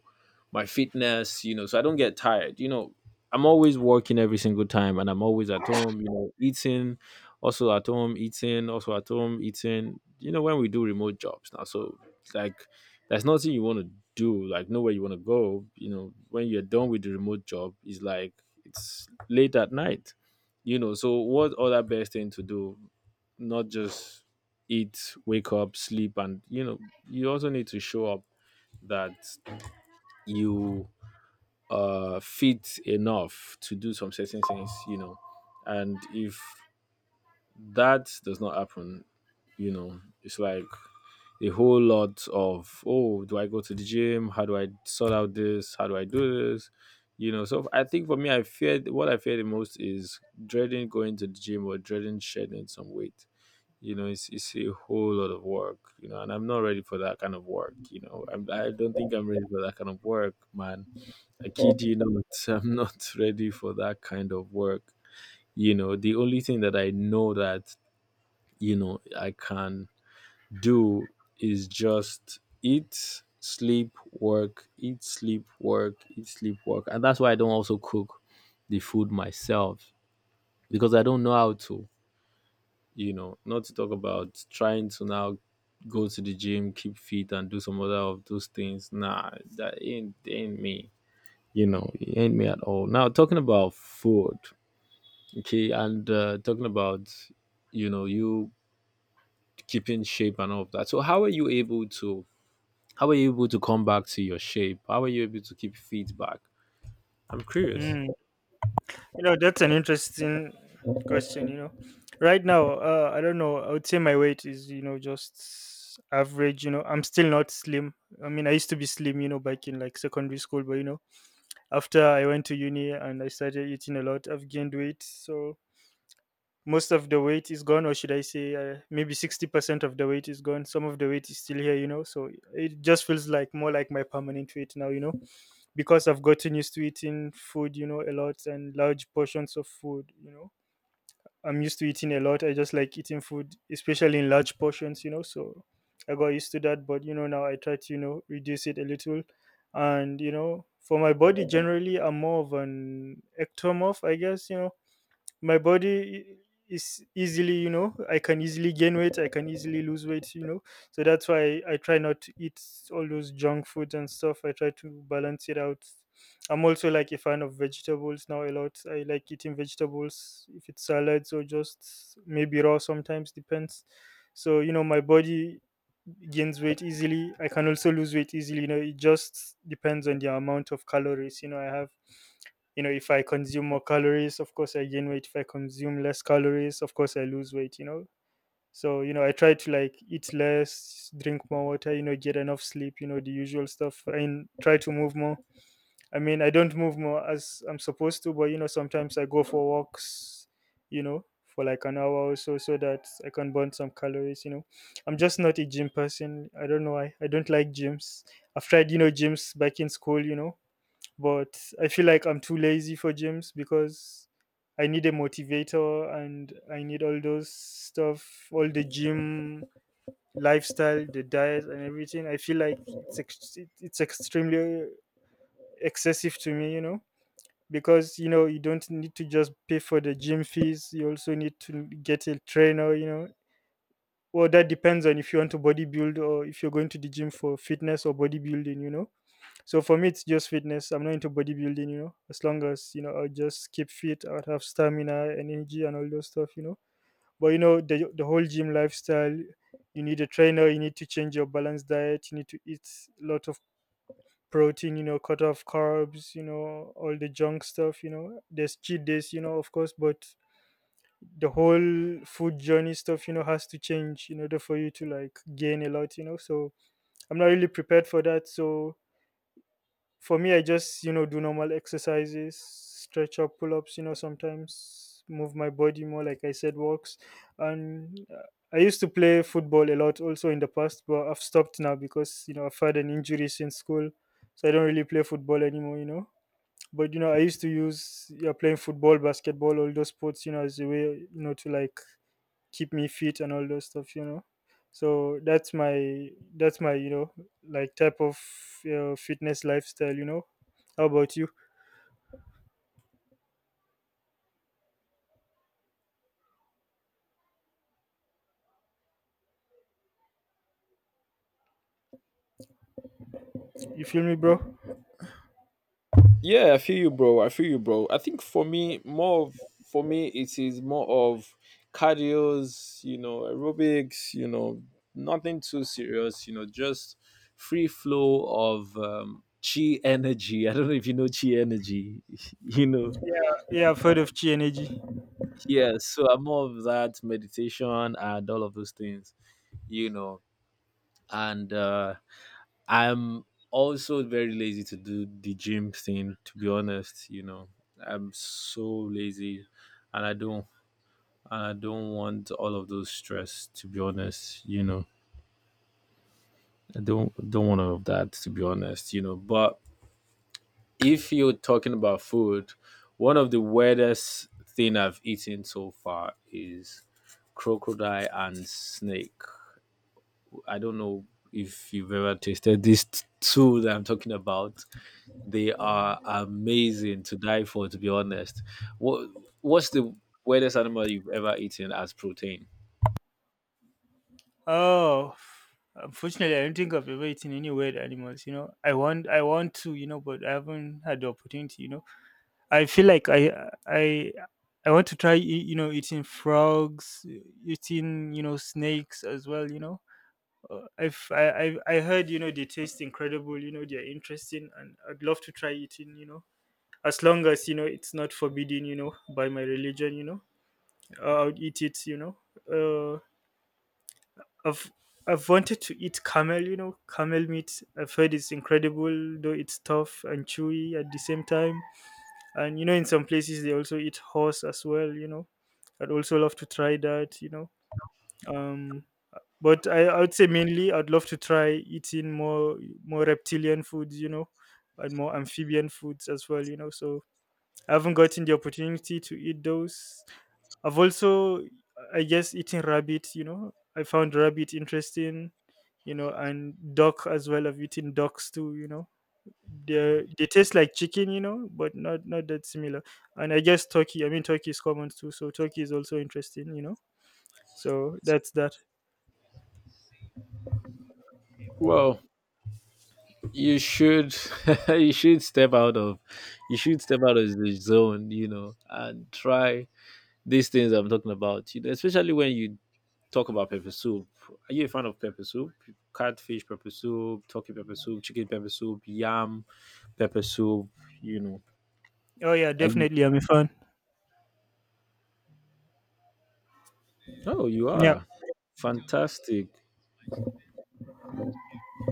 Speaker 1: my fitness, you know, so I don't get tired. You know, I'm always working every single time and I'm always at home, you know, eating, also at home eating, you know, when we do remote jobs now. So, like, there's nothing you want to do, like, nowhere you want to go. You know, when you're done with the remote job, it's like, it's late at night, you know. So, what other best thing to do? Not just eat, wake up, sleep, and, you know, you also need to show up that you, uh, fit enough to do some certain things, you know. And if that does not happen, you know, it's like a whole lot of, oh, do I go to the gym, how do I sort out this, how do I do this, you know. So I think for me, I feared what I fear the most is dreading going to the gym or dreading shedding some weight, you know. It's a whole lot of work, you know, and I'm not ready for that kind of work, you know. I don't think I'm ready for that kind of work, man. I kid you not, I'm not ready for that kind of work. You know, the only thing that I know that, you know, I can do is just eat, sleep, work, eat, sleep, work, eat, sleep, work. And that's why I don't also cook the food myself, because I don't know how to, you know, not to talk about trying to now go to the gym, keep fit, and do some other of those things. Nah, that ain't me. You know, it ain't me at all. Now, talking about food, okay, and, talking about, you know, you keeping shape and all of that, so how are you able to, how are you able to come back to your shape, how are you able to keep feet back, I'm curious.
Speaker 2: Mm. You know, that's an interesting question, you know. Right now, I don't know. I would say my weight is, you know, just average, you know. I'm still not slim. I mean, I used to be slim, you know, back in like secondary school, but you know, after I went to uni and I started eating a lot, I've gained weight. So most of the weight is gone, or should I say maybe 60% of the weight is gone. Some of the weight is still here, so it just feels like more like my permanent weight now. Because I've gotten used to eating food, a lot, and large portions of food. I'm used to eating a lot. I just like eating food, especially in large portions, so I got used to that. But now I try to, reduce it a little. And for my body generally, I'm more of an ectomorph, I guess. My body is easily, I can easily gain weight, I can easily lose weight. So that's why I try not to eat all those junk foods and stuff. I try to balance it out. I'm also like a fan of vegetables now, a lot. I like eating vegetables, if it's salads or just maybe raw sometimes, depends. So my body gains weight easily, I can also lose weight easily. It just depends on the amount of calories I have. If I consume more calories, of course I gain weight. If I consume less calories, of course I lose weight. So I try to like eat less, drink more water, get enough sleep, the usual stuff, and try to move more. I mean, I don't move more as I'm supposed to, but sometimes I go for walks for like an hour or so so that I can burn some calories. I'm just not a gym person. I don't know why, I don't like gyms. I've tried gyms back in school, but I feel like I'm too lazy for gyms, because I need a motivator, and I need all those stuff, all the gym lifestyle, the diet, and everything. I feel like it's extremely excessive to me, you know, because you know you don't need to just pay for the gym fees. You also need to get a trainer, you know. Well, that depends on if you want to bodybuild, or if you're going to the gym for fitness or bodybuilding, you know. So for me, it's just fitness. I'm not into bodybuilding, you know. As long as, you know, I'll just keep fit, I'll have stamina and energy and all those stuff, you know. But you know, the whole gym lifestyle. You need a trainer, you need to change your balanced diet, you need to eat a lot of protein. You know, cut off carbs. You know, all the junk stuff. You know, there's cheat days. You know, of course, but the whole food journey stuff, you know, has to change in order for you to like gain a lot, you know. So I'm not really prepared for that. So for me, I just, you know, do normal exercises, stretch up, pull-ups, you know, sometimes move my body more, like I said, walks. And I used to play football a lot also in the past, but I've stopped now because, you know, I've had an injury since school. So I don't really play football anymore, you know. But you know, I used to use, yeah, playing football, basketball, all those sports, you know, as a way, you know, to like keep me fit and all those stuff, you know. So that's my, that's my type of fitness lifestyle, you know. How about you? You feel me, bro?
Speaker 1: Yeah, I feel you, bro. I feel you, bro. I think for me, for me, it is more of cardios, you know, aerobics, you know, nothing too serious, you know, just free flow of chi energy. I don't know if you know chi energy, you know.
Speaker 2: Yeah, I've heard of chi energy.
Speaker 1: Yeah, so I'm more of that meditation and all of those things, you know. And I'm also very lazy to do the gym thing, to be honest, you know. I'm so lazy, and I don't want all of those stress, to be honest, you know. I don't want all of that, to be honest, you know. But if you're talking about food, one of the weirdest thing I've eaten so far is crocodile and snake. I don't know if you've ever tasted these two that I'm talking about. They are amazing, to die for, to be honest. What What's the weirdest animal you've ever eaten as protein?
Speaker 2: Oh, unfortunately, I don't think I've ever eaten any weird animals, you know. I want, I want to, but I haven't had the opportunity, you know. I feel like I want to try, eating frogs, eating, you know, snakes as well, you know. I've, I I heard, you know, they taste incredible. You know, they're interesting, and I'd love to try eating. You know, as long as, you know, it's not forbidden. You know, by my religion. You know, I would eat it. You know, uh, I've I've wanted to eat camel. You know, camel meat. I've heard it's incredible, though it's tough and chewy at the same time. And you know, in some places they also eat horse as well. You know, I'd also love to try that. You know, um but I would say mainly I'd love to try eating more reptilian foods, you know, and more amphibian foods as well, you know. So I haven't gotten the opportunity to eat those. I've also, I guess, eating rabbit. You know, I found rabbit interesting. You know, and duck as well. I've eaten ducks too. You know, they taste like chicken. You know, but not that similar. And I guess turkey. I mean, turkey is common too. So turkey is also interesting. You know, so that's that.
Speaker 1: Well, you should you should step out of you should step out of the zone, you know, and try these things I'm talking about. You know, especially when you talk about pepper soup. Are you a fan of pepper soup? Catfish pepper soup, turkey pepper soup, chicken pepper soup, yam pepper soup. You know,
Speaker 2: Oh yeah,
Speaker 1: Are you-
Speaker 2: definitely. I'm a fan.
Speaker 1: oh, you
Speaker 2: Yeah,
Speaker 1: are fantastic.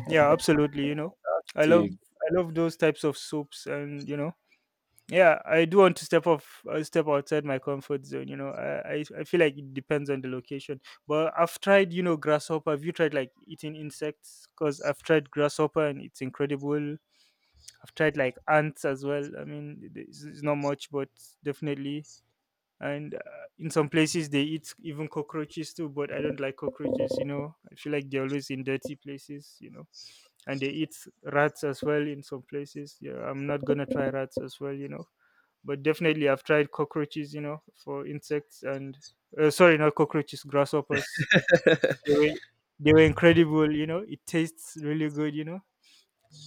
Speaker 2: yeah, absolutely. You know, I love, I love those types of soups, and you know, yeah, I do want to step off, step outside my comfort zone. You know, I feel like it depends on the location, but I've tried, you know, grasshopper. Have you tried like eating insects? Because I've tried grasshopper and it's incredible. I've tried like ants as well. I mean, it's not much, but definitely. And in some places they eat even cockroaches too, but I don't like cockroaches. You know, I feel like they're always in dirty places. You know. And they eat rats as well in some places. Yeah, I'm not gonna try rats as well, you know. But definitely, I've tried cockroaches, you know, for insects, and sorry, not cockroaches, grasshoppers. They were, they were incredible, you know. It tastes really good, you know.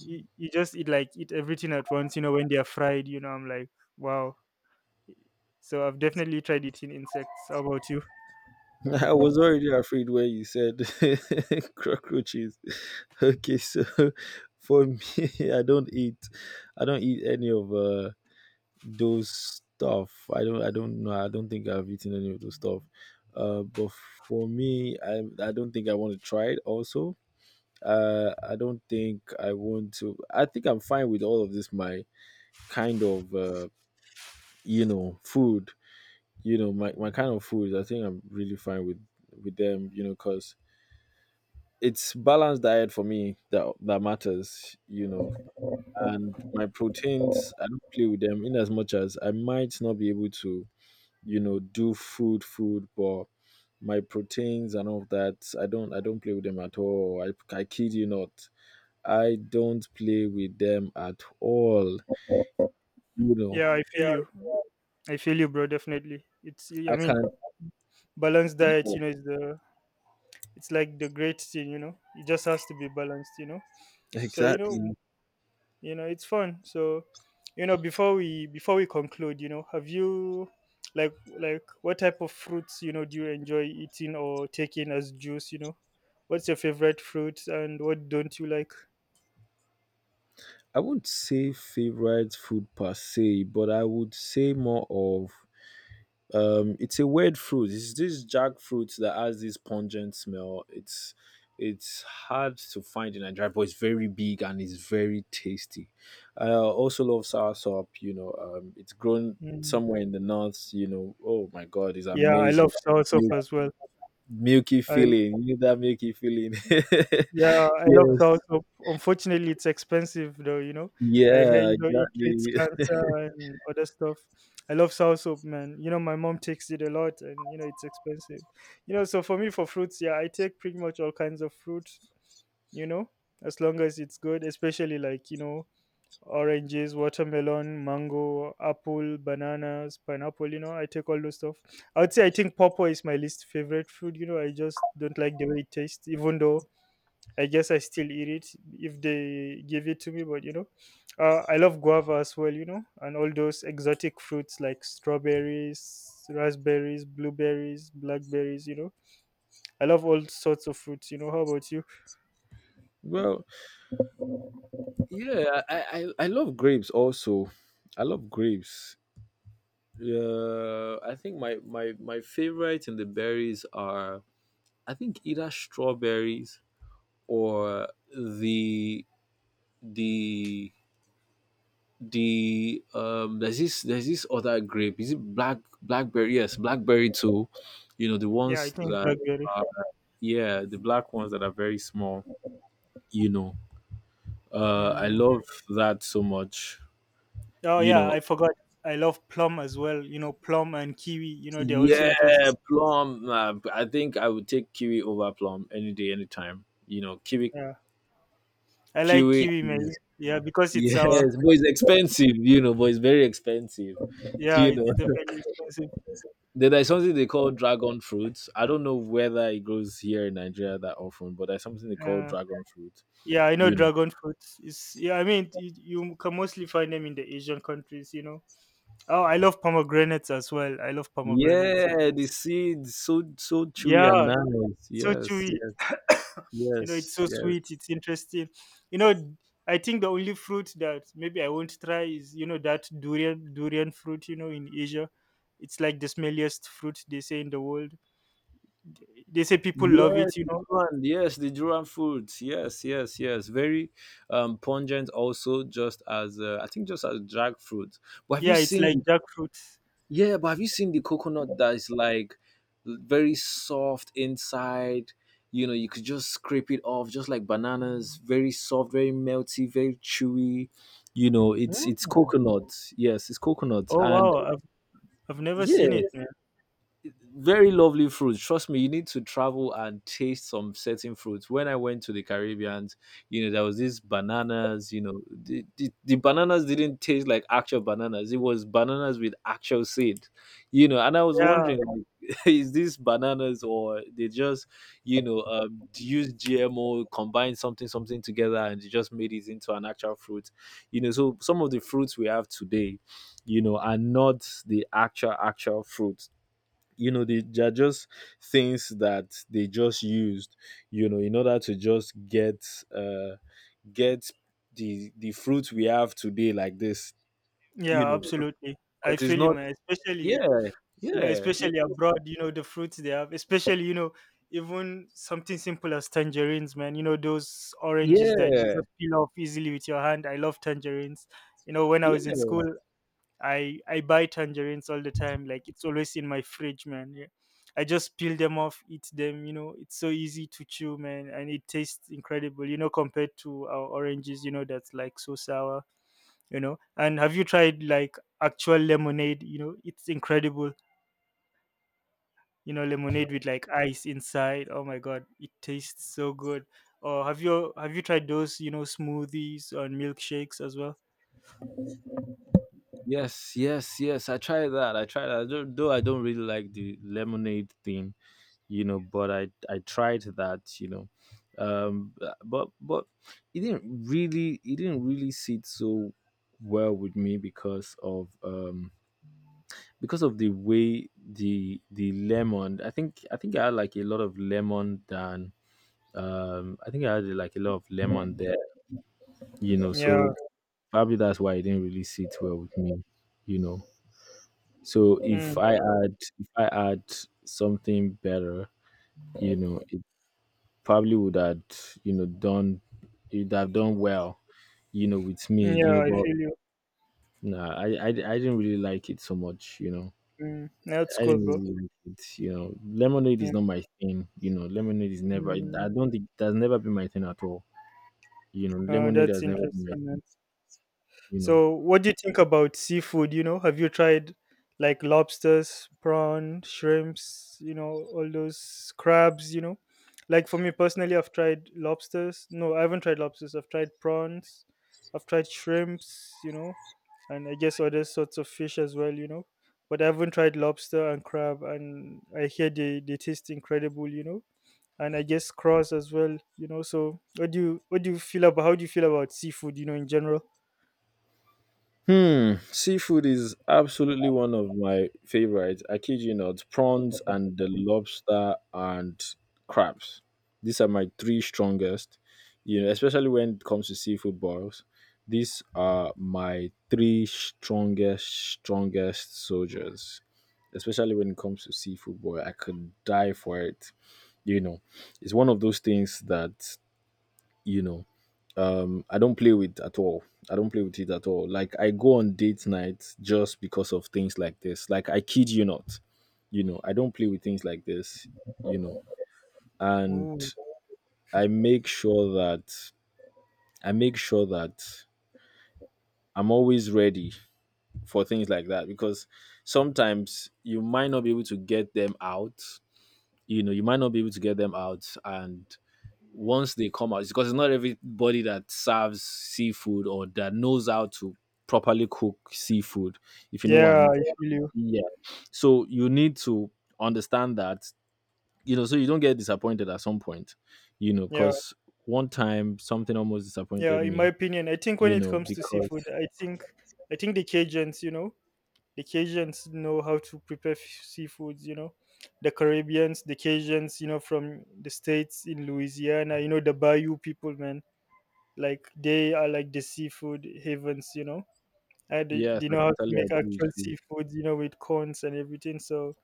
Speaker 2: You just eat like eat everything at once, you know. When they are fried, you know, I'm like, wow. So I've definitely tried eating insects. How about you?
Speaker 1: I was already afraid where you said cockroaches. Okay, so, for me, I don't eat. I don't eat any of those stuff. I don't. I don't know. I don't think I've eaten any of those stuff. But for me, I don't think I want to try it. Also, I don't think I want to. I think I'm fine with all of this. My kind of, you know, food. You know, my kind of food. I think I'm really fine with them. You know, cause it's balanced diet for me that matters, you know. And my proteins, I don't play with them. In as much as I might not be able to, you know, do food food, but my proteins and all of that, I don't play with them at all. I kid you not. I don't play with them at all. You know.
Speaker 2: Yeah, I feel
Speaker 1: Yeah.
Speaker 2: you. I feel you, bro. Definitely. It's, I
Speaker 1: I
Speaker 2: mean,
Speaker 1: can,
Speaker 2: balanced diet,
Speaker 1: yeah,
Speaker 2: you know, is the, it's like the great thing, you know. It just has to be balanced, you know. So
Speaker 1: exactly.
Speaker 2: you know it's fun. So you know, before we conclude, you know, have you, like like what type of fruits, you know, do you enjoy eating or taking as juice, you know? What's your favorite fruit, and what don't you like?
Speaker 1: I wouldn't say favorite food per se, but I would say more of, it's a weird fruit. It's this jackfruit that has this pungent smell. It's hard to find in Nigeria, but it's very big and it's very tasty. I also love soursop. You know, it's grown
Speaker 2: Mm.
Speaker 1: somewhere in the north. You know, oh my god, it's
Speaker 2: Yeah, I
Speaker 1: amazing.
Speaker 2: love soursop
Speaker 1: You,
Speaker 2: as well.
Speaker 1: milky
Speaker 2: I,
Speaker 1: feeling. You need that milky feeling.
Speaker 2: yeah, I love
Speaker 1: Yes.
Speaker 2: soursop. Unfortunately, it's expensive though, you know. I hear,
Speaker 1: Yeah,
Speaker 2: you know, it treats
Speaker 1: exactly.
Speaker 2: cancer and other stuff. I love soursop, man. You know, my mom takes it a lot, and, you know, it's expensive. You know, so for me, for fruits, yeah, I take pretty much all kinds of fruit, you know, as long as it's good, especially like, you know, oranges, watermelon, mango, apple, bananas, pineapple, you know, I take all those stuff. I would say I think pawpaw is my least favorite fruit, you know, I just don't like the way it tastes, even though I guess I still eat it if they give it to me. But you know, I love guava as well. You know, and all those exotic fruits like strawberries, raspberries, blueberries, blackberries. You know, I love all sorts of fruits. You know, how about you?
Speaker 1: Well, yeah, I love grapes also. I love grapes. I think my favorites in the berries are, I think, either strawberries or the the there's this other grape, is it black, blackberry, yes, blackberry too, you know, the
Speaker 2: Yeah, I
Speaker 1: ones
Speaker 2: think it's
Speaker 1: that
Speaker 2: blackberry.
Speaker 1: are, yeah, the black ones that are very small, you know. I
Speaker 2: Mm.
Speaker 1: love that so much,
Speaker 2: Oh
Speaker 1: you
Speaker 2: yeah,
Speaker 1: know.
Speaker 2: I forgot. I love plum as well. You know, plum and kiwi. You know, they're also
Speaker 1: Yeah,
Speaker 2: interesting.
Speaker 1: plum, I think I would take kiwi over plum any day, anytime, you know. Kiwi
Speaker 2: Yeah, I like
Speaker 1: QA
Speaker 2: kiwi, man.
Speaker 1: is,
Speaker 2: Yeah, because it's
Speaker 1: yes,
Speaker 2: sour.
Speaker 1: but it's expensive, you know, but it's very expensive.
Speaker 2: Yeah,
Speaker 1: You know.
Speaker 2: it's definitely expensive.
Speaker 1: Then there's something they call dragon fruit. I don't know whether it grows here in Nigeria that often, but there's something they call
Speaker 2: Yeah.
Speaker 1: dragon fruit.
Speaker 2: Yeah, I know
Speaker 1: You know,
Speaker 2: dragon fruit is. Yeah, I mean, you can mostly find them in the Asian countries, you know. Oh, I love pomegranates as well. I love pomegranates. Yeah,
Speaker 1: yeah, the seeds so so
Speaker 2: yeah,
Speaker 1: chewy and nice.
Speaker 2: it's so
Speaker 1: Yes,
Speaker 2: chewy.
Speaker 1: yes,
Speaker 2: You
Speaker 1: yes,
Speaker 2: know, it's
Speaker 1: yes,
Speaker 2: so sweet.
Speaker 1: yes.
Speaker 2: It's interesting. You know, I think the only fruit that maybe I won't try is, you know, that durian fruit. You know, in Asia, it's like the smelliest fruit they say in the world. They say
Speaker 1: The
Speaker 2: people love it. You know,
Speaker 1: durian, yes, the durian fruit. Yes, yes, yes. Very pungent, also, just as, I think, just as drag fruit. But have you
Speaker 2: yeah, it's like
Speaker 1: seen
Speaker 2: jackfruit.
Speaker 1: Yeah, but have you seen the coconut that is like very soft inside? You know, you could just scrape it off, just like bananas. Very soft, very melty, very chewy. You know,
Speaker 2: Yeah.
Speaker 1: it's coconut. Yes, it's coconut,
Speaker 2: Oh
Speaker 1: and
Speaker 2: wow, I've never
Speaker 1: yeah,
Speaker 2: seen it, man.
Speaker 1: very lovely fruit. Trust me, you need to travel and taste some certain fruits. When I went to the Caribbean, you know, there was these bananas. You know, the bananas didn't taste like actual bananas. It was bananas with actual seed, you know and I was
Speaker 2: Yeah.
Speaker 1: wondering, is this bananas or they just use GMO, combine something something together, and they just made it into an actual fruit? You know, so some of the fruits we have today, you know, are not the actual actual fruit. You know, they are just things that they just used, you know, in order to just get get the fruit we have today like this, you
Speaker 2: Yeah,
Speaker 1: know,
Speaker 2: absolutely. I
Speaker 1: because it's
Speaker 2: feel you,
Speaker 1: not
Speaker 2: man.
Speaker 1: yeah
Speaker 2: Especially, you know,
Speaker 1: yeah
Speaker 2: especially abroad, you know, the fruits they have, especially, you know, even something simple as tangerines, man. You know, those oranges that you just peel off easily with your hand. I love tangerines. You know, when I
Speaker 1: yeah.
Speaker 2: was in school, I buy tangerines all the time. Like it's always in my fridge, man. Yeah. I just peel them off, eat them, you know, it's so easy to chew, man, and it tastes incredible, you know, compared to our oranges, you know, that's like so sour. You know, and have you tried like actual lemonade? You know, it's incredible. You know, lemonade with like ice inside, oh my god, it tastes so good. Or have you tried those, you know, smoothies or milkshakes as well?
Speaker 1: Yes, yes, yes. I tried that. I tried that. Though I don't really like the lemonade thing, you know, but I tried that, you know. But it didn't really sit so well with me because of the way the lemon. I think I had like a lot of lemon than I think I had like a lot of lemon there, you know,
Speaker 2: Yeah.
Speaker 1: so probably that's why it didn't really sit well with me, you know. So if
Speaker 2: mm,
Speaker 1: I add if I add something better, you know, it probably would have, you know, done it have done well, you know, with me, you
Speaker 2: yeah,
Speaker 1: know,
Speaker 2: I
Speaker 1: but
Speaker 2: feel you.
Speaker 1: nah, I didn't really like it so much, you know.
Speaker 2: That's
Speaker 1: I
Speaker 2: cool,
Speaker 1: didn't
Speaker 2: bro.
Speaker 1: really like it, you know. Lemonade
Speaker 2: Yeah.
Speaker 1: is not my thing, you know. Lemonade is never. I
Speaker 2: mm,
Speaker 1: don't think that's never been my thing at all. You know, lemonade
Speaker 2: that's
Speaker 1: has never been my
Speaker 2: interesting, man.
Speaker 1: thing, you know.
Speaker 2: So, what do you think about seafood? You know, have you tried like lobsters, prawn, shrimps, you know, all those crabs, you know? Like for me personally, I've tried lobsters. No, I haven't tried lobsters. I've tried prawns. I've tried shrimps, you know, and I guess other sorts of fish as well, you know. But I haven't tried lobster and crab, and I hear they taste incredible, you know. And I guess prawns as well, you know. So, what do you feel about how do you feel about seafood, you know, in general?
Speaker 1: Hmm, seafood is absolutely one of my favorites. I kid you not, prawns and the lobster and crabs. These are my three strongest. You know, especially when it comes to seafood boils. These are my three strongest, strongest soldiers. Especially when it comes to seafood boil, I could die for it. You know, it's one of those things that you know I don't play with at all. I don't play with it at all. Like, I go on date night just because of things like this. Like, I kid you not, you know, I don't play with things like this, you know. And
Speaker 2: Ooh.
Speaker 1: i make sure that I make sure that I'm always ready for things like that, because sometimes you might not be able to get them out, you know, you might not be able to get them out. And once they come out, it's because it's not everybody that serves seafood or that knows how to properly cook seafood, if you know what
Speaker 2: Yeah,
Speaker 1: I'm,
Speaker 2: I feel you.
Speaker 1: yeah. So you need to understand that, you know, so you don't get disappointed at some point, you know,
Speaker 2: Yeah,
Speaker 1: because one time something almost
Speaker 2: yeah.
Speaker 1: disappointed
Speaker 2: In my
Speaker 1: me,
Speaker 2: opinion, I think when
Speaker 1: you
Speaker 2: it
Speaker 1: know,
Speaker 2: comes to
Speaker 1: because
Speaker 2: seafood, I think the Cajuns, you know, the Cajuns know how to prepare seafoods. You know, the Caribbeans, the Cajuns, you know, from the states in Louisiana, you know, the Bayou people, man. Like they are like the seafood havens, you know. And they,
Speaker 1: yes,
Speaker 2: they
Speaker 1: I
Speaker 2: know how to
Speaker 1: totally
Speaker 2: make
Speaker 1: agree with
Speaker 2: actual
Speaker 1: you.
Speaker 2: seafood, you know, with corns and everything. So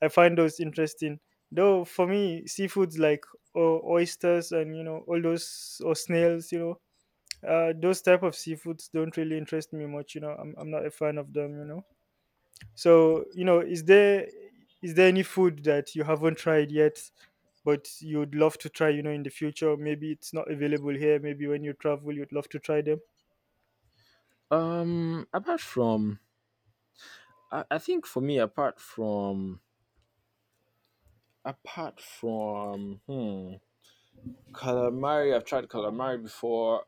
Speaker 2: I find those interesting. Though for me, seafoods like oysters and you know all those or snails, you know, those type of seafoods don't really interest me much. You know, I'm not a fan of them. You know, so you know, is there any food that you haven't tried yet, but you'd love to try? You know, in the future, maybe it's not available here. Maybe when you travel, you'd love to try them.
Speaker 1: Apart from, I think for me apart from apart from hmm calamari. I've tried calamari before.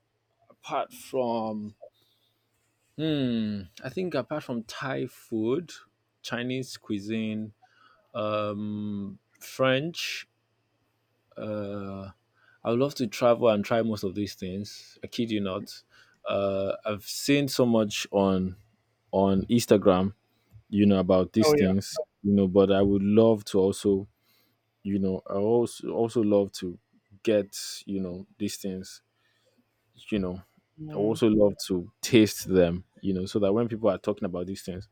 Speaker 1: Apart from, I think apart from Thai food, Chinese cuisine, French, uh, I would love to travel and try most of these things. I kid you not. I've seen so much on Instagram, you know, about these
Speaker 2: Oh yeah.
Speaker 1: things, you know, but I would love to also, you know, I also love to get, you know, these things, you know, I would
Speaker 2: mm,
Speaker 1: also love to taste them, you know, so that when people are talking about these things,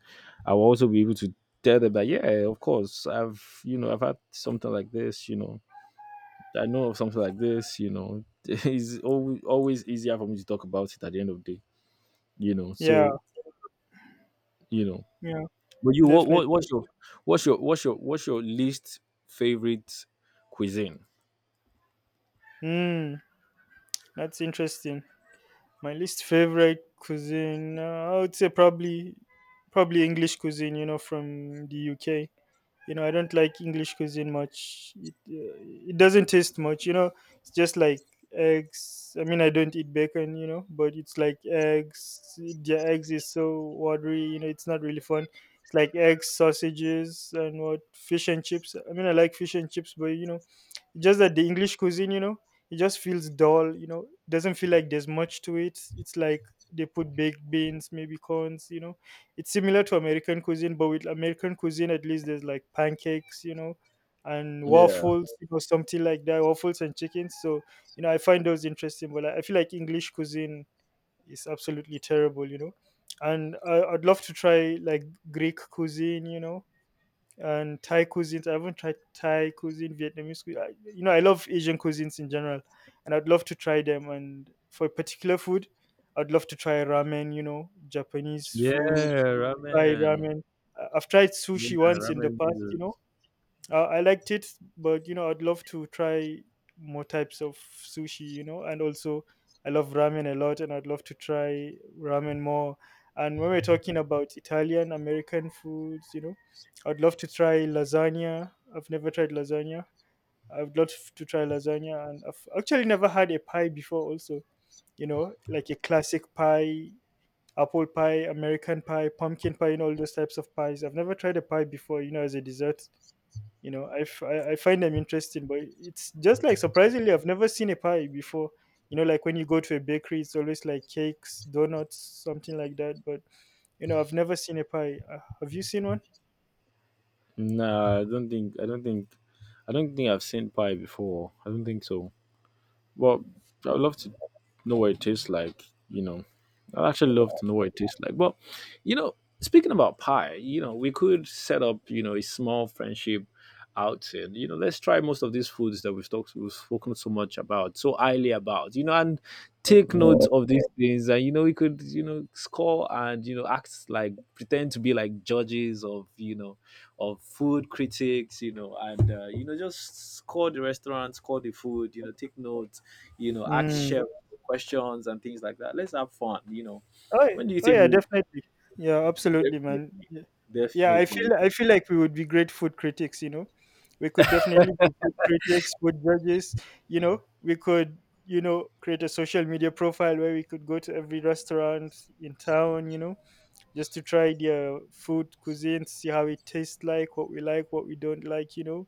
Speaker 1: I will also be able to tell them that, yeah, of course, I've, you know, I've had something like this, you know, I know of something like this, you know, it's always, always easier for me to talk about it at the end of the day, you know,
Speaker 2: yeah,
Speaker 1: so, you know,
Speaker 2: yeah,
Speaker 1: but you,
Speaker 2: definitely.
Speaker 1: what, what's your, what's your, what's your, what's your least favorite cuisine?
Speaker 2: Mm, that's interesting. My least favorite cuisine, I would say probably English cuisine. You know, from the UK. You know, I don't like English cuisine much. It it doesn't taste much. You know, it's just like eggs. I mean, I don't eat bacon. You know, but it's like eggs. Their eggs is so watery. You know, it's not really fun. It's like eggs, sausages, and what fish and chips. I mean, I like fish and chips, but you know, just that the English cuisine, you know, it just feels dull, you know, doesn't feel like there's much to it. It's like they put baked beans, maybe corns, you know. It's similar to American cuisine, but with American cuisine at least there's like pancakes, you know, and
Speaker 1: Yeah.
Speaker 2: waffles, you know, something like that, waffles and chicken. So you know, I find those interesting, but I feel like English cuisine is absolutely terrible, you know. And I'd love to try like Greek cuisine, you know, and Thai cuisines. I haven't tried Thai cuisine, Vietnamese cuisine. I, you know, I love Asian cuisines in general, and I'd love to try them. And for a particular food, I'd love to try ramen. You know, Japanese
Speaker 1: Yeah.
Speaker 2: food. Try
Speaker 1: Ramen.
Speaker 2: ramen. I've tried
Speaker 1: Yeah.
Speaker 2: sushi once in the
Speaker 1: Ramen.
Speaker 2: past. You know, I liked it, but you know, I'd love to try more types of sushi, you know, and also I love ramen a lot and I'd love to try ramen more. And when we're talking about Italian American foods, you know, I'd love to try lasagna. I've never tried lasagna. I'd love to try lasagna, and I've actually never had a pie before also, you know, like a classic pie, apple pie, American pie, pumpkin pie, and all those types of pies. I've never tried a pie before, you know, as a dessert. You know, I, f- I find them interesting, but it's just like surprisingly I've never seen a pie before, you know, like when you go to a bakery it's always like cakes, donuts, something like that. But you know, I've never seen a pie. Have you seen one?
Speaker 1: No, I don't think I don't think I don't think I've seen pie before. I don't think so. Well, I'd love to know what it tastes like. You know, I'd actually love to know what it tastes like. But you know, speaking about pie, you know, we could set up, you know, a small friendship outing. You know, let's try most of these foods that we've talked, we've spoken so much about, so highly about. You know, and take notes of these things, and you know, we could, you know, score, and you know, act like, pretend to be like judges of, you know, of food critics, you know, and you know, just score the restaurant, score the food, you know, take notes, you know, ask
Speaker 2: Mm.
Speaker 1: chef questions and things like that. Let's have fun, you know.
Speaker 2: Oh,
Speaker 1: When do you
Speaker 2: oh
Speaker 1: think
Speaker 2: yeah,
Speaker 1: we
Speaker 2: definitely. Yeah, absolutely,
Speaker 1: definitely,
Speaker 2: man. Yeah. Yeah, i feel
Speaker 1: definitely,
Speaker 2: i feel like we would be great food critics, you know. We could definitely be food critics, food judges. You know, we could, you know, create a social media profile where we could go to every restaurant in town, you know, just to try their food cuisine, see how it tastes like, what we like, what we don't like, you know.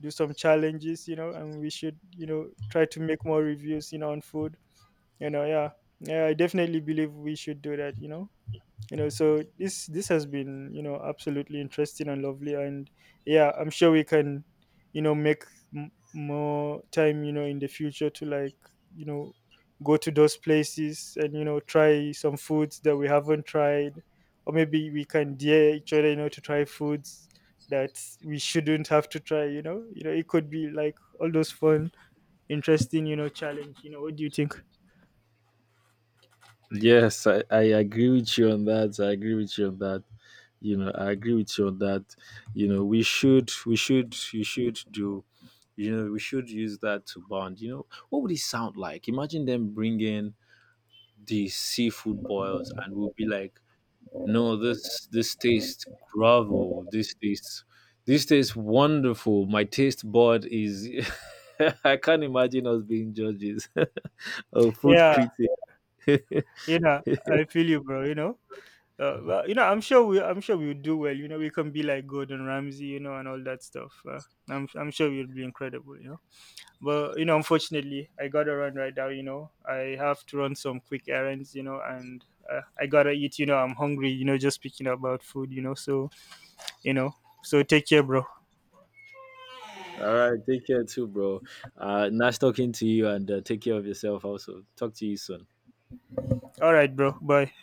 Speaker 2: Do some challenges, you know, and we should, you know, try to make more reviews, you know, on food, you know. Yeah. Yeah, I definitely believe we should do that, you know. You know, so this has been, you know, absolutely interesting and lovely. And yeah, I'm sure we can, you know, make more time, you know, in the future to like, you know, go to those places and, you know, try some foods that we haven't tried, or maybe we can dare each other, you know, to try foods that we shouldn't have to try, you know. You know, it could be like all those fun, interesting, you know, challenge. You know, what do you think?
Speaker 1: Yes, I agree with you on that. I agree with you on that. You know, I agree with you on that. You know, you should do. You know, we should use that to bond. You know, what would it sound like? Imagine them bringing the seafood boils, and we'll be like, no, this tastes gravel. This tastes wonderful. My taste board is I can't imagine us being judges or food
Speaker 2: Yeah.
Speaker 1: critic.
Speaker 2: You know, I feel you, bro. You know, well, you know, I'm sure we would do well. You know, we can be like Gordon Ramsay, you know, and all that stuff. I'm sure we would be incredible, you know. But you know, unfortunately, I gotta run right now. You know, I have to run some quick errands, you know, and I gotta eat. You know, I'm hungry. You know, just speaking about food, you know. So you know, so take care, bro.
Speaker 1: All right, take care too, bro. Nice talking to you, and take care of yourself. Also, talk to you soon.
Speaker 2: All right, bro. Bye.